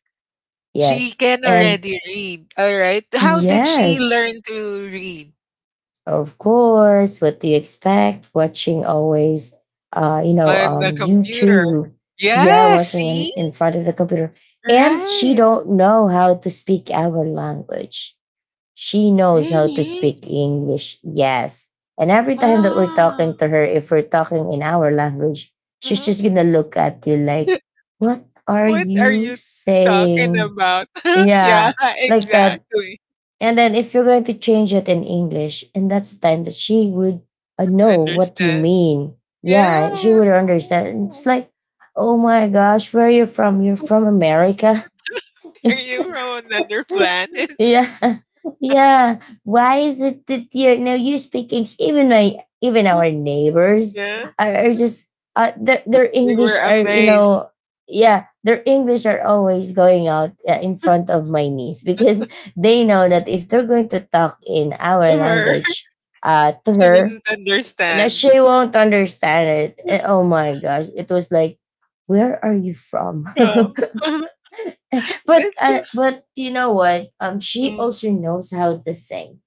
Speaker 2: She
Speaker 1: Yes.
Speaker 2: can
Speaker 1: And
Speaker 2: already read. All right. How did she
Speaker 1: yes,
Speaker 2: learn to read?
Speaker 1: of course, what do you expect? Watching always, uh, you know,
Speaker 2: On the
Speaker 1: um,
Speaker 2: computer.
Speaker 1: YouTube. Yeah,
Speaker 2: Yeah,
Speaker 1: watching in,
Speaker 2: see?
Speaker 1: in front of the computer. And she
Speaker 2: Right.
Speaker 1: don't know how to speak our language. She knows how to
Speaker 2: Really?
Speaker 1: speak English. Yes. And every time that we're
Speaker 2: Wow.
Speaker 1: talking to her, if we're talking in our language, she's
Speaker 2: Mhm.
Speaker 1: just gonna look at you like, what are
Speaker 2: What are
Speaker 1: you
Speaker 2: you talking
Speaker 1: saying?
Speaker 2: about? Yeah,
Speaker 1: Yeah, like that.
Speaker 2: exactly.
Speaker 1: And then if you're going to change it in English, and that's the time that she would uh,
Speaker 2: Could
Speaker 1: know what you
Speaker 2: understand.
Speaker 1: mean. Yeah, she
Speaker 2: Yeah.
Speaker 1: would
Speaker 2: Oh.
Speaker 1: understand. It's like, oh my gosh, where are you from? You're from America.
Speaker 2: Are you from another planet?
Speaker 1: Yeah, yeah. Why is it that you're now you speak English? Even my even our neighbors
Speaker 2: Yeah.
Speaker 1: are, are just uh, their their
Speaker 2: We were
Speaker 1: English are, you
Speaker 2: amazed
Speaker 1: know, yeah, their English are always going out uh, in front of my niece because they know that if they're going to talk in our
Speaker 2: to her.
Speaker 1: language uh to
Speaker 2: She
Speaker 1: her,
Speaker 2: wouldn't
Speaker 1: you know,
Speaker 2: understand.
Speaker 1: she won't understand it. And, oh my gosh, it was like, where are you from?
Speaker 2: Oh.
Speaker 1: But
Speaker 2: That's.
Speaker 1: uh, but you know what? Um, she
Speaker 2: Mm.
Speaker 1: also knows how to sing.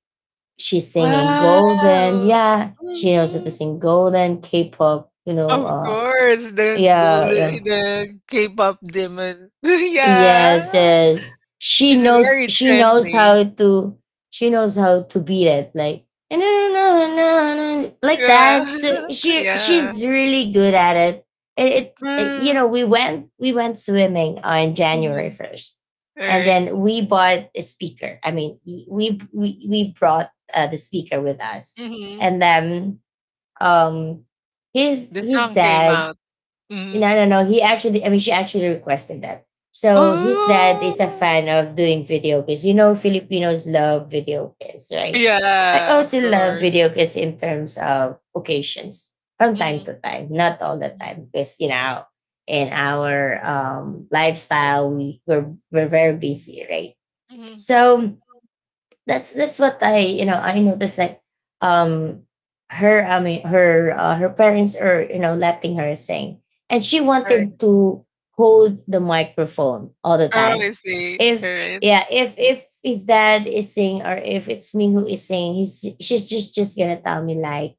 Speaker 1: She's singing Golden.
Speaker 2: Wow!
Speaker 1: Yeah,
Speaker 2: Oh,
Speaker 1: she knows how to
Speaker 2: yeah.
Speaker 1: sing Golden K-pop. You know.
Speaker 2: Of
Speaker 1: Uh,
Speaker 2: course, the
Speaker 1: yeah, yeah.
Speaker 2: golden the K-pop demon. Yeah.
Speaker 1: Yes, yes. She
Speaker 2: It's
Speaker 1: knows
Speaker 2: very
Speaker 1: she knows
Speaker 2: trendy.
Speaker 1: how to she knows how to beat it like, "Eh, no, no, no, no, no," like
Speaker 2: Yeah.
Speaker 1: that. So she
Speaker 2: Yeah.
Speaker 1: she's really good at it. It, it, it- you know,
Speaker 2: Mm.
Speaker 1: we went we went swimming on January
Speaker 2: Mhm.
Speaker 1: first, and
Speaker 2: Alright.
Speaker 1: then we bought a speaker. I mean, we we we we brought uh, the speaker with us,
Speaker 2: Mhm.
Speaker 1: and then um his
Speaker 2: The
Speaker 1: his
Speaker 2: song came
Speaker 1: dad—
Speaker 2: out.
Speaker 1: no,
Speaker 2: Mhm.
Speaker 1: no, no. He actually, I mean, she actually requested that. So his dad is a
Speaker 2: Oh!
Speaker 1: fan of doing video games. You know, Filipinos love video games, right? I
Speaker 2: Yeah, of
Speaker 1: also love
Speaker 2: course.
Speaker 1: video games in terms of occasions from time
Speaker 2: Mhm.
Speaker 1: to time, not all the
Speaker 2: Mhm.
Speaker 1: time, because, you know, in our um, lifestyle, we, we're, we're very busy, right?
Speaker 2: Mhm.
Speaker 1: So that's that's what I, you know, I noticed, like, um her I mean her uh, her parents are, you know, letting her sing, and she
Speaker 2: Alright.
Speaker 1: wanted to hold the microphone all the
Speaker 2: Oh, I
Speaker 1: time.
Speaker 2: see.
Speaker 1: if
Speaker 2: Alright.
Speaker 1: yeah if if his dad is singing, or if it's me who is singing, he's she's just just gonna tell me like,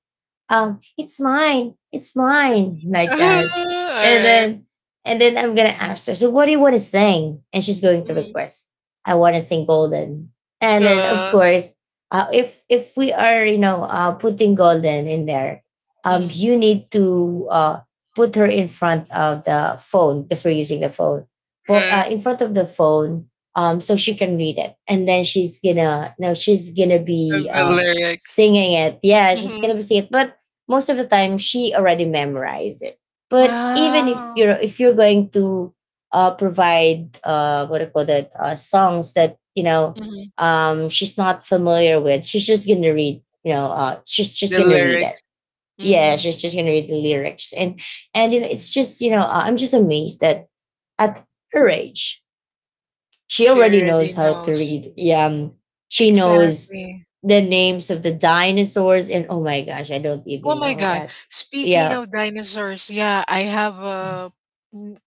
Speaker 1: um, it's mine, it's mine, like that. And
Speaker 2: Alright.
Speaker 1: then and then I'm gonna ask her, so what do you wanna sing? And she's going to
Speaker 2: Mhm.
Speaker 1: request, I wanna sing golden. And then, of
Speaker 2: Uh,
Speaker 1: course, uh, if if we are, you know, uh, putting golden in there, um,
Speaker 2: mhm.
Speaker 1: you need to uh, put her in front of the phone because we're using the phone. But uh,
Speaker 2: Right.
Speaker 1: in front of the phone, um, so she can read it. And then she's gonna— no, she's gonna be
Speaker 2: And the
Speaker 1: uh
Speaker 2: lyrics.
Speaker 1: singing it. Yeah, she's gonna
Speaker 2: Mhm.
Speaker 1: be singing it. But most of the time she already memorized it. But even if you're
Speaker 2: Wow.
Speaker 1: if you're going to uh, provide uh, what do you call that, uh, songs that, you know,
Speaker 2: Hmm.
Speaker 1: um, she's not familiar with, she's just gonna read, you know, uh, she's just
Speaker 2: The
Speaker 1: gonna read it.
Speaker 2: lyrics.
Speaker 1: Yeah,
Speaker 2: Hmm.
Speaker 1: she's just gonna read the lyrics, and and you know, it's just, you know, uh, I'm just amazed that at her age she
Speaker 2: She
Speaker 1: already knows
Speaker 2: already
Speaker 1: how to
Speaker 2: knows.
Speaker 1: read. Yeah, um, she knows
Speaker 2: Exactly.
Speaker 1: the names of the dinosaurs and oh my gosh, I don't
Speaker 2: Oh
Speaker 1: even
Speaker 2: my
Speaker 1: know
Speaker 2: God.
Speaker 1: that.
Speaker 2: Speaking
Speaker 1: Yeah.
Speaker 2: of dinosaurs, yeah, I have a n-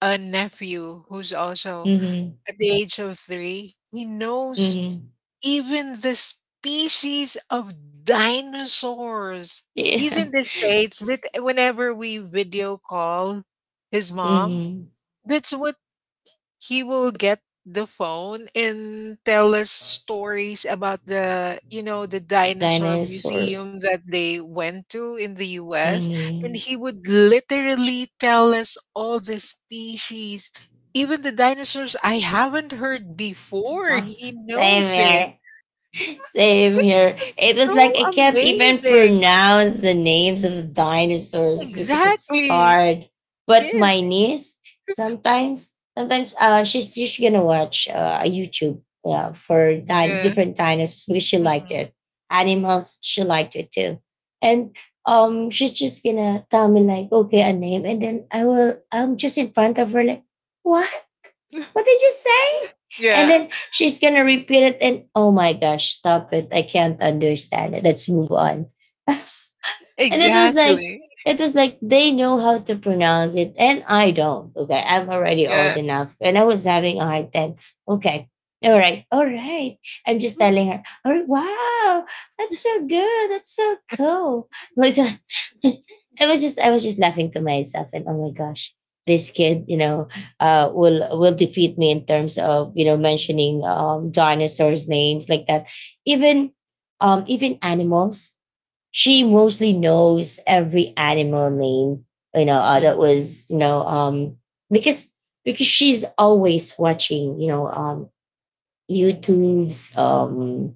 Speaker 2: a nephew who's also
Speaker 1: Mhm.
Speaker 2: at the age of three. He knows
Speaker 1: Mhm.
Speaker 2: even the species of dinosaurs. He's in
Speaker 1: Yeah.
Speaker 2: the States, but whenever we video call his mom,
Speaker 1: Mhm.
Speaker 2: that's what, he will get the phone and tell us stories about the, you know, the dinosaur
Speaker 1: Dinosaurs.
Speaker 2: museum that they went to in the U S, and
Speaker 1: Mhm.
Speaker 2: he would literally tell us all the species, even the dinosaurs I haven't heard before, he
Speaker 1: Same
Speaker 2: knows it,
Speaker 1: here. Same here. It was
Speaker 2: so
Speaker 1: like I can't even
Speaker 2: amazing.
Speaker 1: pronounce the names of the dinosaurs because it's
Speaker 2: Exactly.
Speaker 1: hard. But
Speaker 2: Yes.
Speaker 1: my niece, sometimes sometimes uh she's she's gonna watch uh YouTube uh, for di-
Speaker 2: Yeah.
Speaker 1: different dinosaurs because she liked
Speaker 2: Mm.
Speaker 1: it. Animals, she liked it too. And um she's just gonna tell me like, okay, a name, and then I will— I'm just in front of her like, what— what did you say? And
Speaker 2: Yeah.
Speaker 1: then she's gonna repeat it and, oh my gosh, stop it. I can't understand it. Let's move on. And it was like
Speaker 2: Exactly.
Speaker 1: it was like they know how to pronounce it and I don't. Okay. I'm already old
Speaker 2: Yeah.
Speaker 1: enough. And I was having a hard time. Okay. All right. All right. I'm just
Speaker 2: Mm.
Speaker 1: telling her, oh wow, that's so good. That's so cool. Like I was just I was just laughing to myself and, oh my gosh, this kid, you know, uh will will defeat me in terms of, you know, mentioning um dinosaurs names like that. Even um even animals, she mostly knows every animal name, you know, uh, that
Speaker 2: Mm.
Speaker 1: was, you know, um, because because she's always watching, you know, um, YouTube's, um,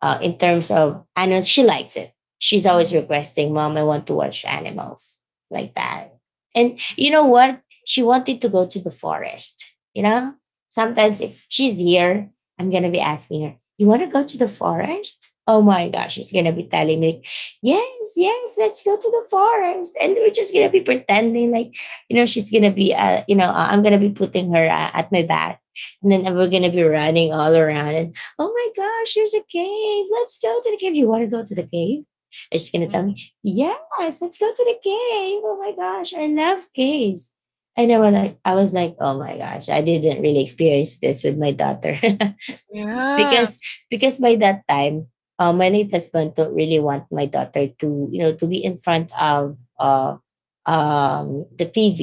Speaker 1: uh, in terms of animals. She likes it. She's always requesting, Mom, I want to watch animals, like that. And you know what? She wanted to go to the forest. You know, sometimes if she's here, I'm going to be asking her, you want to go to the forest? Oh my gosh, she's going to be telling me, yes, yes, let's go to the forest. And we're just going to be pretending like, you know, she's going to be, uh, you know, uh, I'm going to be putting her uh, at my back. And then we're going to be running all around. And oh my gosh, there's a cave. Let's go to the cave. You want to go to the cave? And she's gonna tell
Speaker 2: Mm.
Speaker 1: me, yes, let's go to the cave. Oh my gosh, I love caves. And I was like, I was like, oh my gosh, I didn't really experience this with my daughter.
Speaker 2: Yeah.
Speaker 1: because because by that time, uh, my late husband don't really want my daughter to you know to be in front of uh, um, the T V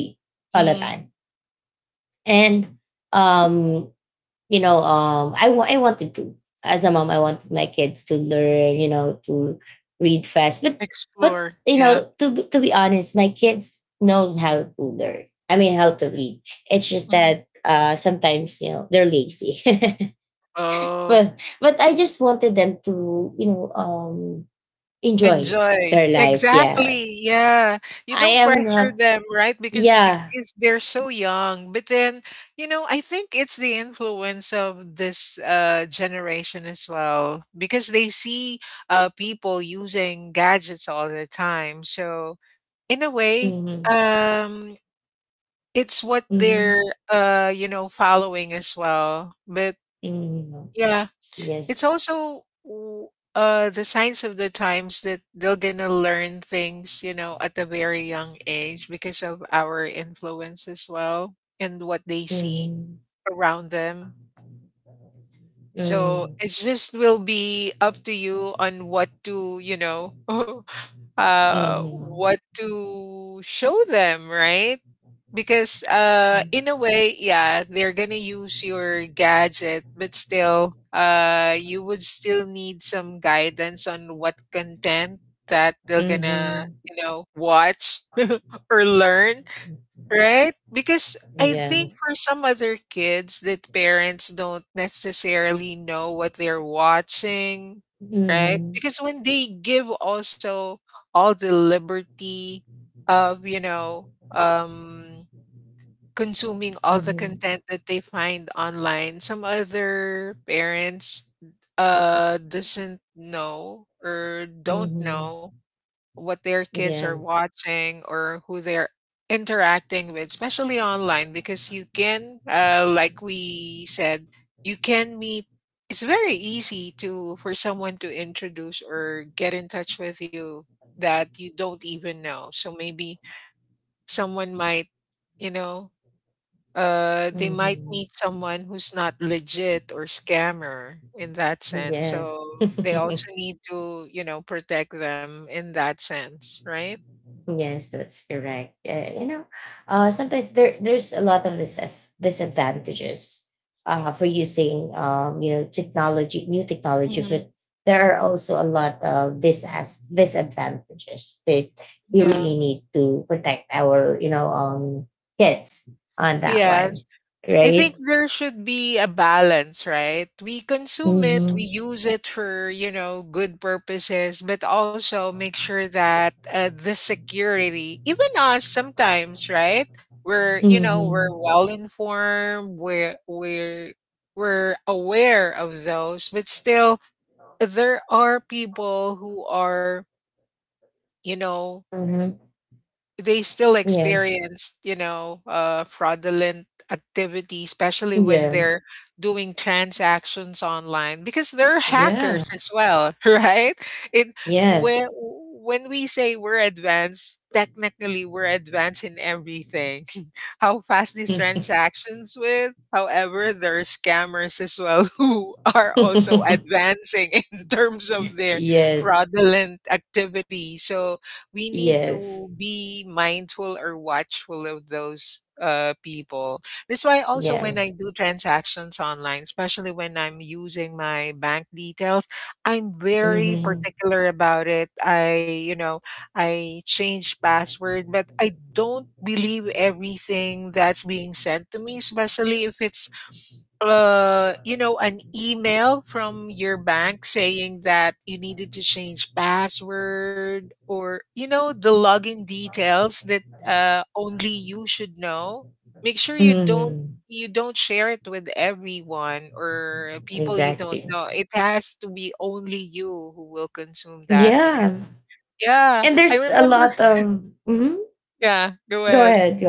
Speaker 1: all the
Speaker 2: Mm.
Speaker 1: time. And um, you know um i wa- i wanted to, as a mom I wanted my kids to learn, you know to read fast, but but
Speaker 2: Explore.
Speaker 1: you
Speaker 2: Yeah.
Speaker 1: know to b- to be honest, my kids knows how to learn, I mean how to read. It's just
Speaker 2: Mm.
Speaker 1: that uh sometimes, you know, they're lazy.
Speaker 2: Oh.
Speaker 1: but but I just wanted them to, you know um enjoy
Speaker 2: Enjoy.
Speaker 1: their life, yeah.
Speaker 2: Exactly, yeah. You
Speaker 1: I
Speaker 2: don't
Speaker 1: am not.
Speaker 2: pressure them, right? Because
Speaker 1: Yeah.
Speaker 2: because they're so young. But then, you know, I think it's the influence of this uh generation as well because they see uh people using gadgets all the time. So, in a way,
Speaker 1: Hmm.
Speaker 2: um it's what
Speaker 1: Hmm.
Speaker 2: they're uh you know following as well. But
Speaker 1: Hmm.
Speaker 2: yeah, it's
Speaker 1: Yes.
Speaker 2: also w- uh, the signs of the times that they're gonna learn things, you know, at a very young age because of our influence as well and what they see
Speaker 1: Hmm.
Speaker 2: around them. So
Speaker 1: Mm.
Speaker 2: it just will be up to you on what to, you know, uh,
Speaker 1: Mhm.
Speaker 2: what to show them, right? Because uh, in a way, yeah, they're gonna use your gadget, but still, uh, you would still need some guidance on what content that they're gonna,
Speaker 1: Mhm.
Speaker 2: you know, watch or learn. Right? Because I
Speaker 1: Yeah.
Speaker 2: think for some other kids that parents don't necessarily know what they're watching, right?
Speaker 1: Mhm.
Speaker 2: Because when they give also all the liberty of, you know, um consuming all the
Speaker 1: Mhm.
Speaker 2: content that they find online, some other parents uh doesn't know or don't
Speaker 1: Mhm.
Speaker 2: know what their kids are
Speaker 1: Yeah.
Speaker 2: watching or who they're interacting with, especially online, because you can, uh, like we said, you can meet. It's very easy to for someone to introduce or get in touch with you that you don't even know. So maybe someone might, you know, uh, they might
Speaker 1: Mhm.
Speaker 2: meet someone who's not legit or scammer in that sense.
Speaker 1: Yes.
Speaker 2: So they also need to, you know, protect them in that sense, right?
Speaker 1: Yes, that's correct. Uh, you know, uh, sometimes there there's a lot of dis- disadvantages uh, for using, um, you know, technology, new technology,
Speaker 2: Mhm.
Speaker 1: but there are also a lot of dis- disadvantages that we
Speaker 2: Yeah.
Speaker 1: really need to protect our, you know um, kids on that one,
Speaker 2: Yes. I think
Speaker 1: right?
Speaker 2: there should be a balance, right? We consume it, we
Speaker 1: Mm-hmm.
Speaker 2: use it for, you know, good purposes, but also make sure that uh, the security, even us sometimes, right? We're, you know,
Speaker 1: Mm-hmm.
Speaker 2: we're well informed, we're we're we're aware of those, but still there are people who are, you know,
Speaker 1: Mm-hmm.
Speaker 2: they still
Speaker 1: Yeah.
Speaker 2: experience, you know, uh, fraudulent activity, especially when
Speaker 1: Yeah.
Speaker 2: they're doing transactions online, because they're
Speaker 1: Yeah.
Speaker 2: hackers as well, right? It, when
Speaker 1: Yes.
Speaker 2: when we say we're advanced, technically we're advanced in everything, how fast these transactions with. However, there are scammers as well, who are also advancing in terms of their
Speaker 1: yes.
Speaker 2: fraudulent activity. So we need
Speaker 1: Yes.
Speaker 2: to be mindful or watchful of those uh, people. That's why also when
Speaker 1: Yeah.
Speaker 2: I do transactions online, especially when I'm using my bank details, I'm very
Speaker 1: Mhm.
Speaker 2: particular about it. I, you know, I change password, but I don't believe everything that's being sent to me, especially if it's uh you know an email from your bank saying that you needed to change password or you know the login details that uh only you should know. Make sure you don't,
Speaker 1: Mhm.
Speaker 2: you don't share it with everyone or people you don't
Speaker 1: Exactly.
Speaker 2: know. It has to be only you who will consume that because
Speaker 1: Yeah.
Speaker 2: yeah,
Speaker 1: And
Speaker 2: I
Speaker 1: there's a
Speaker 2: remember.
Speaker 1: lot of, mhm.
Speaker 2: Yeah, go
Speaker 1: Go
Speaker 2: ahead.
Speaker 1: ahead, go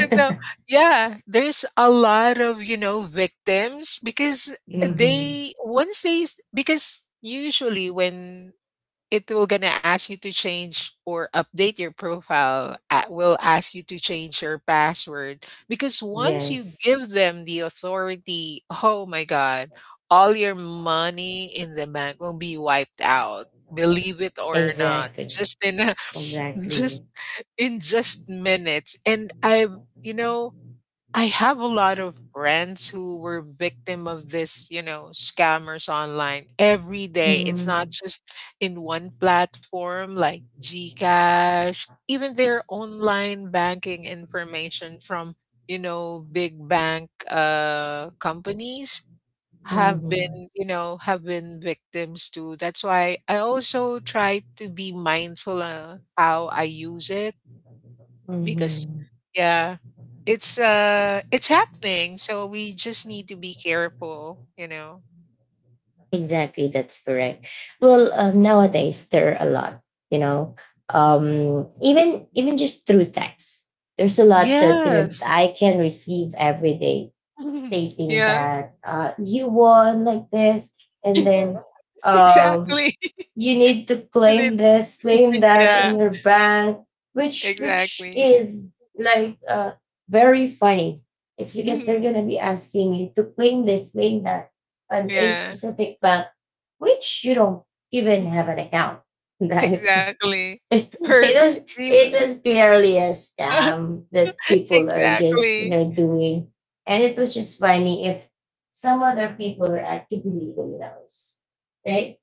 Speaker 2: But no, yeah, there's a lot of, you know, victims because
Speaker 1: Mhm.
Speaker 2: they once they s- because usually when it will gonna ask you to change or update your profile, uh, will ask you to change your password, because once you
Speaker 1: Yes.
Speaker 2: give them the authority, oh my god, all your money in the bank will be wiped out. Believe it or not,
Speaker 1: Exactly.
Speaker 2: just in a, just
Speaker 1: Exactly.
Speaker 2: in just minutes. And I've, you know, I have a lot of friends who were victim of this, you know, scammers online every day. It's not
Speaker 1: Mhm.
Speaker 2: just in one platform like Gcash, even their online banking information from, you know, big bank uh companies have
Speaker 1: Mhm.
Speaker 2: been, you know, have been victims too. That's why I also try to be mindful of how I use it because
Speaker 1: Mhm.
Speaker 2: yeah, it's uh it's happening, so we just need to be careful, you know.
Speaker 1: Exactly, that's correct. Well, um, nowadays there are a lot, you know, um, even even just through text, there's a lot that, you know,
Speaker 2: Yes.
Speaker 1: I can receive every day, stating
Speaker 2: Yeah.
Speaker 1: that uh, you won like this, and then um,
Speaker 2: Exactly.
Speaker 1: you need to
Speaker 2: You
Speaker 1: claim
Speaker 2: need.
Speaker 1: this, claim that
Speaker 2: Yeah,
Speaker 1: in your bank, which which
Speaker 2: exactly.
Speaker 1: is, like, uh, very funny. It's because they're
Speaker 2: Mhm.
Speaker 1: gonna be asking you to claim this, claim that on a
Speaker 2: Yeah.
Speaker 1: specific bank, which you don't even
Speaker 2: Mhm.
Speaker 1: have an account, right?
Speaker 2: Exactly. Or
Speaker 1: it was it
Speaker 2: even,
Speaker 1: was clearly a scam that people are just, you
Speaker 2: exactly.
Speaker 1: know, doing, and it was just funny if some other people are actively criminals, right?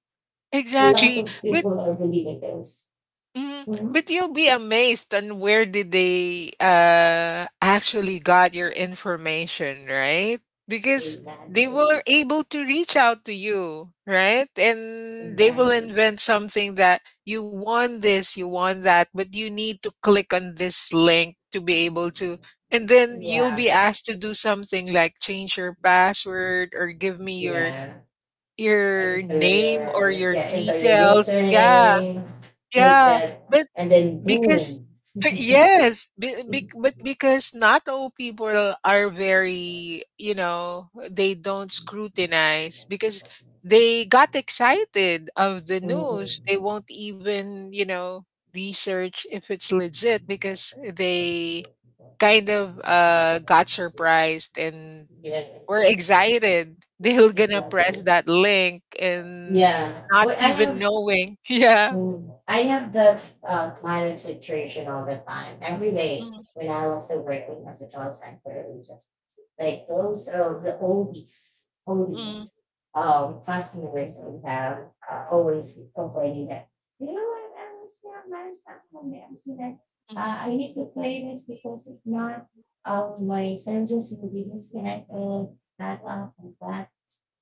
Speaker 1: A lot
Speaker 2: Exactly.
Speaker 1: of
Speaker 2: But.
Speaker 1: people are believers.
Speaker 2: Mhm.
Speaker 1: Mm-hmm.
Speaker 2: But you'll be amazed on where did they uh actually got your information, right? Because
Speaker 1: They land
Speaker 2: they
Speaker 1: their
Speaker 2: were able to reach out to you, right? And they will
Speaker 1: anxiety.
Speaker 2: invent something that you want this, you want that, but you need to click on this link to be able to. And then you'll be asked to do something like change your password or give me your, your name or your
Speaker 1: Yeah, and they
Speaker 2: details. Yeah,
Speaker 1: make
Speaker 2: yeah.
Speaker 1: that
Speaker 2: But
Speaker 1: and
Speaker 2: because yes, be, be, but because not all people are very, you know, they don't scrutinize because they got excited of the news. They won't even, you know, research if it's legit because they kind of uh got surprised and
Speaker 1: yeah,
Speaker 2: were excited. They're gonna press
Speaker 1: exactly.
Speaker 2: that link and
Speaker 1: Yeah.
Speaker 2: not
Speaker 1: Well, I
Speaker 2: even
Speaker 1: have,
Speaker 2: knowing. Yeah.
Speaker 1: mm, I have that uh, client situation all the time. Every day when I was still working as a child center, it was just like those are the oldest,
Speaker 2: Mm-hmm.
Speaker 1: oldest. Um, customers we have are always complaining that, you know what, I was here, my stuff from there, I that. Uh, I need to play this because if not, uh, my sensors will be disconnected, that up and that.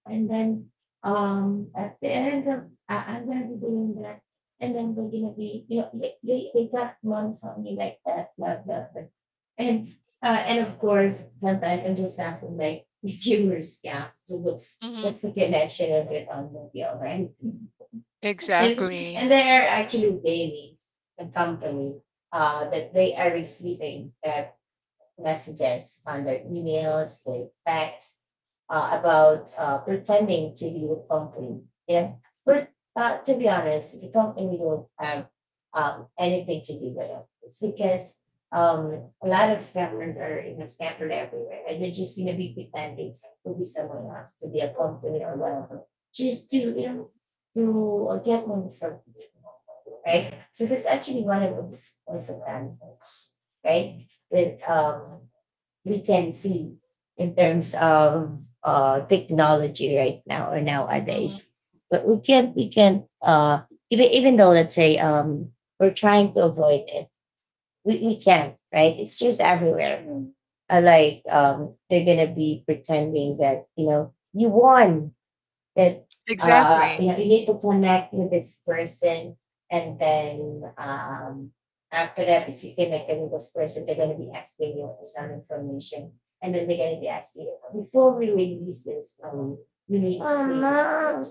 Speaker 1: And then, um, at the end of, I, I'm gonna be doing that. And then we're gonna be, you know, they, they, they got one from me like that, like, that, like, and uh, and of course, sometimes I'm just laughing like viewers, yeah. So what's
Speaker 2: Mm-hmm.
Speaker 1: what's the connection of it on mobile, right? And and
Speaker 2: Exactly.
Speaker 1: they are actually blaming the company uh that they are receiving that messages on their emails, their fax, uh, about, uh, pretending to be the company. Yeah, but uh, to be honest, the company don't have, um, anything to do with it. It's because, um, a lot of scammers are, you know, scattered everywhere, and they're just gonna be pretending to be someone else, to be a company or whatever, just to, you know, to uh, get money from people, right? So that's actually one of the most advantages, right? With um we can see in terms of uh technology right now or
Speaker 2: Mhm.
Speaker 1: nowadays. But we can't we can't uh even even though let's say, um we're trying to avoid it, we, we can't, right? It's just everywhere. Uh, like, um they're gonna be pretending that, you know, you won that, uh,
Speaker 2: Exactly.
Speaker 1: you know, you need to connect with this person, and then, um, after that if you connect with this person, they're going to be asking you for some information, and then they're going to be asking you before we release this, um, you need to read,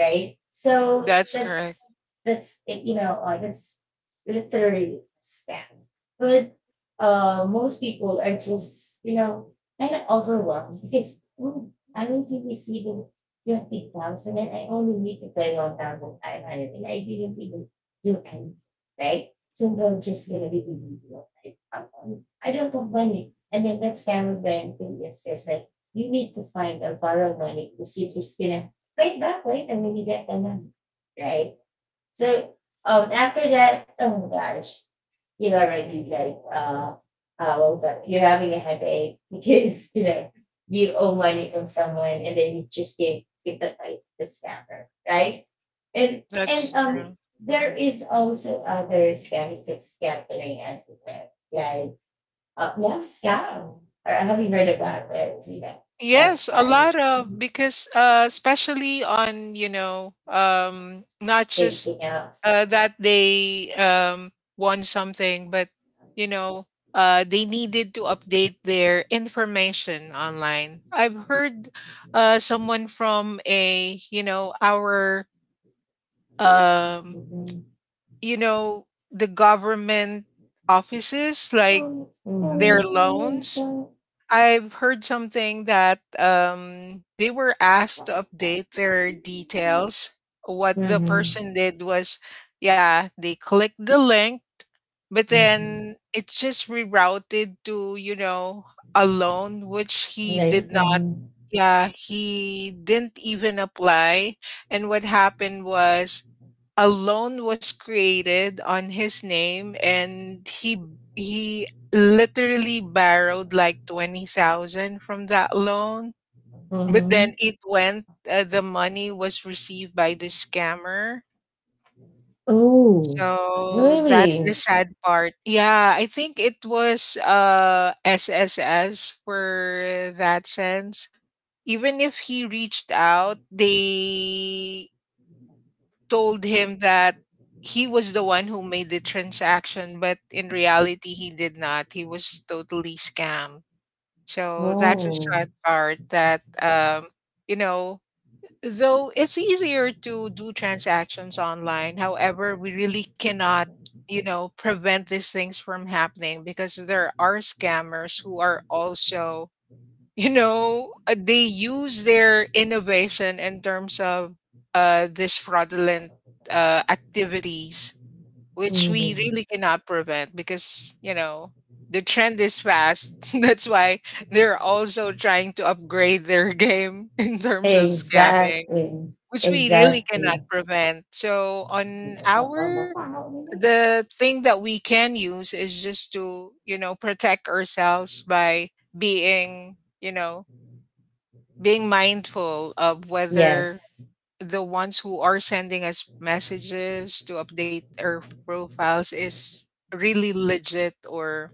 Speaker 1: right? So
Speaker 2: That's correct.
Speaker 1: that's that's you know, uh, that's literally spam. But, uh, most people are just, you know, kind of overwhelmed because, "Oh, I will be receiving twenty thousand and I only need to pay one thousand five hundred and I didn't even do anything," right? So they're just gonna be giving you like, um, um, I don't have money, and then that's family thing. It says like you need to find a borrow money because you're just gonna wait back, wait, and maybe get them done. Right? So, um after that, oh gosh, you already like, uh uh what was that? You're having a headache because you know you owe money from someone and then you just gave give the like the scammer, right? And and
Speaker 2: That's
Speaker 1: um
Speaker 2: true.
Speaker 1: there is also other scammers that scam during as well. Like, uh, love scam. Or have you heard about it? You know, love
Speaker 2: Yes, a
Speaker 1: scam
Speaker 2: lot of because uh especially on, you know, um not
Speaker 1: dating
Speaker 2: just
Speaker 1: apps.
Speaker 2: uh that they um won something, but you know, uh they needed to update their information online. I've heard uh someone from a, you know, our um
Speaker 1: Mhm.
Speaker 2: you know, the government offices like their
Speaker 1: Mm
Speaker 2: loans.
Speaker 1: mhm.
Speaker 2: I've heard something that um, they were asked to update their details. What the
Speaker 1: Mm
Speaker 2: person did was, yeah, they clicked the link, but
Speaker 1: mhm.
Speaker 2: then it just rerouted to, you know, a loan, which he
Speaker 1: Like,
Speaker 2: did
Speaker 1: mm
Speaker 2: not.
Speaker 1: mhm.
Speaker 2: Yeah, he didn't even apply. And what happened was a loan was created on his name and he he literally borrowed like twenty thousand from that loan.
Speaker 1: Mm
Speaker 2: But then
Speaker 1: mhm.
Speaker 2: it went, uh, the money was received by the scammer,
Speaker 1: Oh,
Speaker 2: so that's the
Speaker 1: really?
Speaker 2: sad part. Yeah, I think it was uh S S S for that sense. Even if he reached out, they told him that he was the one who made the transaction, but in reality he did not. He was totally scammed. So that's a
Speaker 1: Oh.
Speaker 2: sad part that um you know, though it's easier to do transactions online, however, we really cannot, you know, prevent these things from happening because there are scammers who are also, you know, uh, they use their innovation in terms of uh, this fraudulent uh, activities, which
Speaker 1: Mm
Speaker 2: we really
Speaker 1: mhm.
Speaker 2: cannot prevent because, you know, the trend is fast. That's why they're also trying to upgrade their game in terms of scamming,
Speaker 1: Exactly.
Speaker 2: which we really cannot
Speaker 1: Exactly.
Speaker 2: prevent. So on our, the thing that we can use is just to, you know, protect ourselves by being, you know, being mindful of whether
Speaker 1: Yes.
Speaker 2: the ones who are sending us messages to update our profiles is really legit or,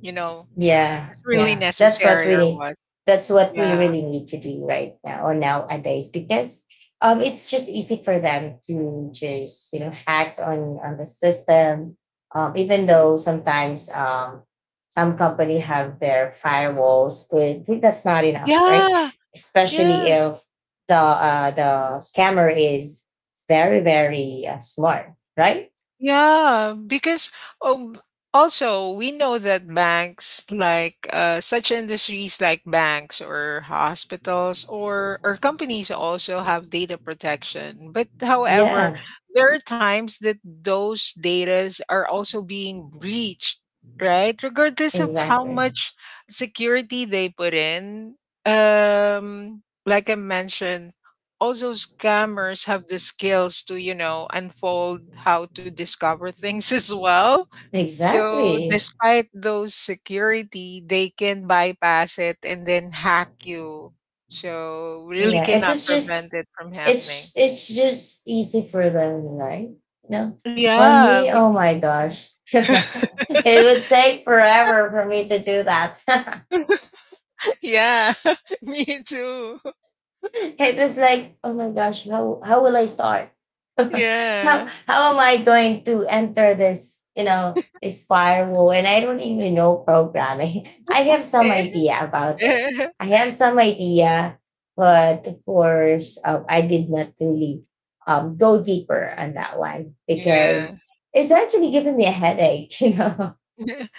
Speaker 2: you know,
Speaker 1: Yeah,
Speaker 2: it's really
Speaker 1: yeah. That's what
Speaker 2: necessary
Speaker 1: we
Speaker 2: or
Speaker 1: need.
Speaker 2: what.
Speaker 1: That's what we
Speaker 2: Yeah.
Speaker 1: really need to do right now or nowadays, because um it's just easy for them to just, you know, hack on on the system. Um, even though sometimes, um some company have their firewalls, but that's not enough, right?
Speaker 2: Yeah.
Speaker 1: Especially if
Speaker 2: Yes.
Speaker 1: the, uh, the scammer is very very uh, smart, right?
Speaker 2: Yeah, because um, also we know that banks like uh, such industries like banks or hospitals or or companies also have data protection. But however,
Speaker 1: Yeah,
Speaker 2: there are times that those datas are also being breached, right? Regardless of how
Speaker 1: exactly,
Speaker 2: much security they put in. Um, like I mentioned, also scammers have the skills to you know unfold how to discover things as well, so
Speaker 1: exactly.
Speaker 2: despite those security they can bypass it and then hack you, so really
Speaker 1: Yeah, it
Speaker 2: cannot
Speaker 1: was just,
Speaker 2: prevent it from happening.
Speaker 1: it's it's just easy for them, right? You know? For
Speaker 2: yeah
Speaker 1: me, oh
Speaker 2: bec-
Speaker 1: my gosh. It would take forever for me to do that.
Speaker 2: yeah. Me too.
Speaker 1: It was like, oh my gosh, how how will I start? how
Speaker 2: Yeah.
Speaker 1: how am I going to enter this, you know, this firewall? And I don't even know programming. I have some
Speaker 2: Eh,
Speaker 1: idea about it.
Speaker 2: eh,
Speaker 1: I have some idea, but of course, uh, I did not really, um, go deeper on that one
Speaker 2: yeah.
Speaker 1: because it's actually giving me a headache, you know,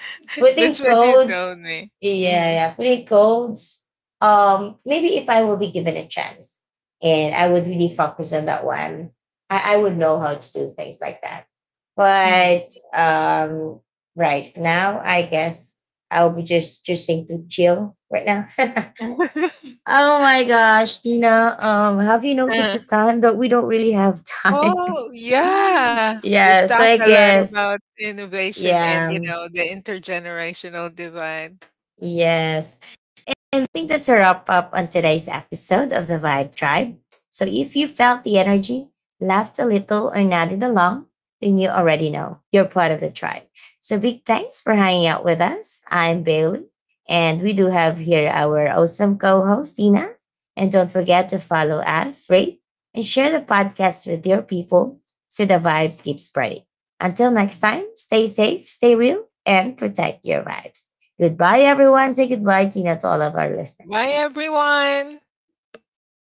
Speaker 2: That's
Speaker 1: putting
Speaker 2: what you told
Speaker 1: codes.
Speaker 2: me.
Speaker 1: Yeah,
Speaker 2: Mm.
Speaker 1: yeah, putting codes. um maybe if I will be given a chance and I would really focus on that one, i, I would know how to do things like that.
Speaker 2: Mm.
Speaker 1: But um right now I guess I'll be just, just saying to chill right now. Oh my gosh, Tina, um have you noticed the time that we don't really have time?
Speaker 2: Oh, yeah. We've
Speaker 1: Yeah, so
Speaker 2: talked
Speaker 1: I
Speaker 2: a lot
Speaker 1: guess.
Speaker 2: about innovation and,
Speaker 1: Yeah.
Speaker 2: you know, the intergenerational divide.
Speaker 1: Yes. And I think that's a wrap up on today's episode of the Vibe Tribe. So if you felt the energy, laughed a little, or nodded along, then you already know you're part of the tribe. So big thanks for hanging out with us. I'm Bailey, and we do have here our awesome co host, Tina. And don't forget to follow us, rate, and share the podcast with your people so the vibes keep spreading. Until next time, stay safe, stay real, and protect your vibes. Goodbye, everyone. Say goodbye, Tina, to all of our
Speaker 2: Bye,
Speaker 1: listeners.
Speaker 2: everyone.